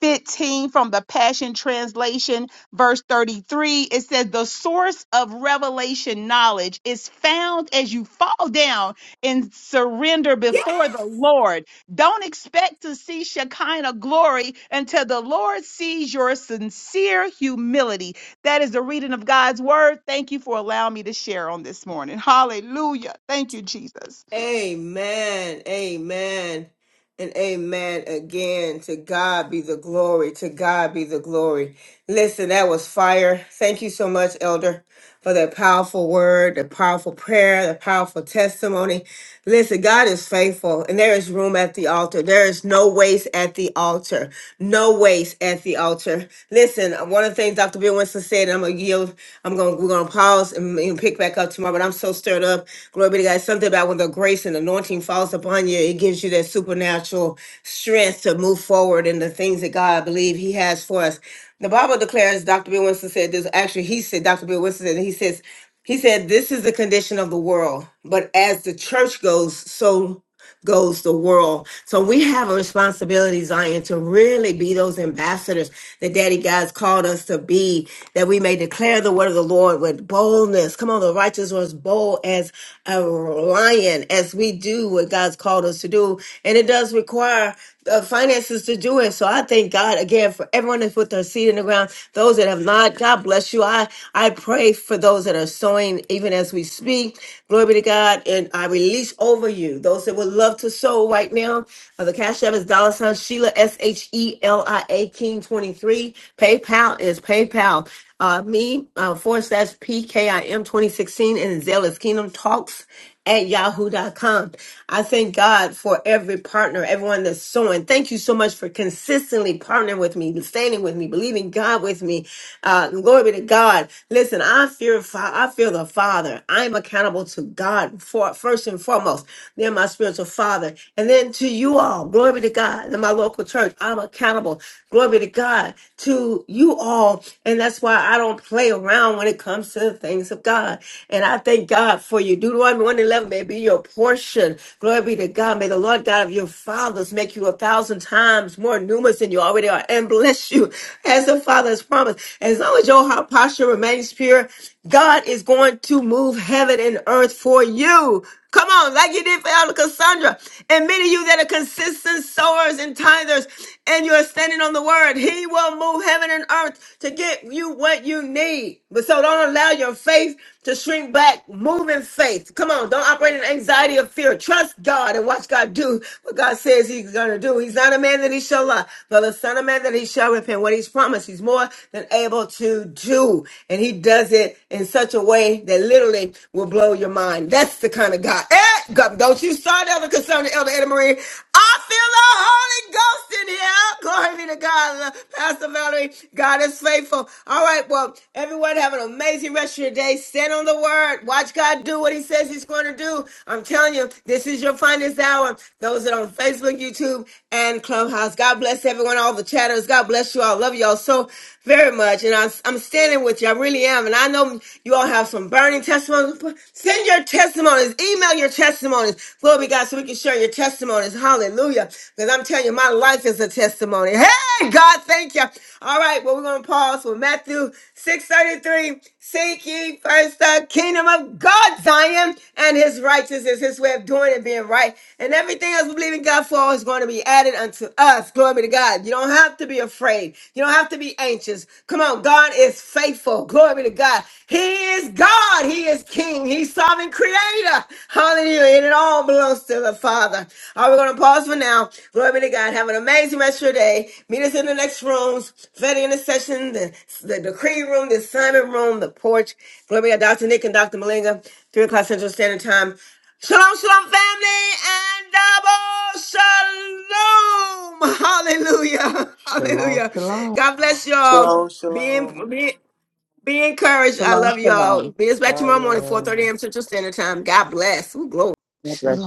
Speaker 11: 15 from the Passion Translation, verse 33. It says, The source of revelation knowledge is found as you fall down and surrender before the Lord. Don't expect to see Shekinah glory until the Lord sees your sincere humility. That is the reading of God's word. Thank you for allowing me to share on this morning. Hallelujah. Thank you, Jesus.
Speaker 1: Amen. Amen. And amen again. To God be the glory. To God be the glory. Listen, that was fire. Thank you so much, Elder, for that powerful word, the powerful prayer, the powerful testimony. Listen, God is faithful, and there is room at the altar. There is no waste at the altar. No waste at the altar. Listen, one of the things Dr. Bill Winston said, and I'm gonna yield. I'm gonna we're gonna pause and, and pick back up tomorrow. But I'm so stirred up. Glory be to God. Something about when the grace and anointing falls upon you, it gives you that supernatural strength to move forward in the things that God I believe He has for us. The Bible declares, Dr. Bill Winston said this. Actually, he said, Dr. Bill Winston said, he says. He said, This is the condition of the world, but as the church goes, so goes the world. So we have a responsibility, Zion, to really be those ambassadors that Daddy God's called us to be, that we may declare the word of the Lord with boldness. Come on, the righteous was bold as a lion, as we do what God's called us to do. And it does require the finances to do it. So I thank God again for everyone that's put their seed in the ground. Those that have not, God bless you. I I pray for those that are sowing even as we speak. Glory be to God. God, and I release over you those that would love to sow right now. Uh, the Cash App is dollar sign Sheila S H E L I A King twenty three. PayPal is PayPal. Uh, me uh, forward slash PKIM twenty sixteen and Zell is Kingdom Talks at yahoo.com. I thank God for every partner, everyone that's sowing. Thank you so much for consistently partnering with me, standing with me, believing God with me. Uh, glory be to God. Listen, I fear, fa- I fear the Father. I am accountable to God for first and foremost. Then my spiritual father, and then to you all. Glory be to God. In my local church, I'm accountable. Glory be to God to you all, and that's why. I don't play around when it comes to the things of God. And I thank God for you. Deuteronomy 1 11 may be your portion. Glory be to God. May the Lord God of your fathers make you a thousand times more numerous than you already are and bless you as the Father has promised. As long as your heart posture remains pure, God is going to move heaven and earth for you. Come on, like you did for Elder Cassandra. And many of you that are consistent sowers and tithers, and you're standing on the word, He will move heaven and earth to get you what you need. But so don't allow your faith to shrink back. Move in faith. Come on, don't operate in anxiety or fear. Trust God and watch God do what God says He's going to do. He's not a man that He shall lie, but a son of man that He shall repent. What He's promised, He's more than able to do. And He does it in such a way that literally will blow your mind. That's the kind of God. Eh, God don't you start ever concerning Elder Edna Marie. I feel the Holy Ghost in here. Glory be to God. Uh, Pastor Valerie, God is faithful. All right, well, everyone have an amazing rest of your day. Stand on the word. Watch God do what he says he's going to do. I'm telling you, this is your finest hour. Those that are on Facebook, YouTube, and Clubhouse. God bless everyone, all the chatters. God bless you all. Love you love y'all so very much. And I'm, I'm standing with you. I really am. And I know you all have some burning testimonies. P- Send your testimonies. Email your testimonies. Glory be God so we can share your testimonies. Hallelujah. Because I'm telling you, my life is a testimony. Hey, God, thank you. All right. Well, we're going to pause with Matthew 633 Seek ye first the kingdom of God, Zion, and his righteousness, his way of doing and being right. And everything else we believe in God for is going to be added unto us. Glory be to God. You don't have to be afraid. You don't have to be anxious. Come on, God is faithful. Glory be to God. He is God. God. He is King. He's sovereign creator. Hallelujah. And it all belongs to the Father. All right, we're going to pause for now. Glory be to God. Have an amazing rest of your day. Meet us in the next rooms. Fed intercession, the, the decree room, the assignment room, the porch. Glory be to God. Dr. Nick and Dr. Malinga, 3 o'clock Central Standard Time. Shalom, shalom, family, and double shalom. Hallelujah.
Speaker 13: Shalom,
Speaker 1: Hallelujah.
Speaker 13: shalom.
Speaker 1: God bless y'all.
Speaker 2: Shalom,
Speaker 1: Be,
Speaker 2: shalom.
Speaker 1: in, be, be encouraged. I
Speaker 11: Shalom,
Speaker 1: love y'all.
Speaker 11: shalom.
Speaker 1: Be us back tomorrow
Speaker 2: Fire
Speaker 1: morning, 4 30
Speaker 2: room.
Speaker 1: a.m. Central Standard Time. God bless. Ooh, glory.
Speaker 11: God bless
Speaker 10: Shalom.
Speaker 11: you.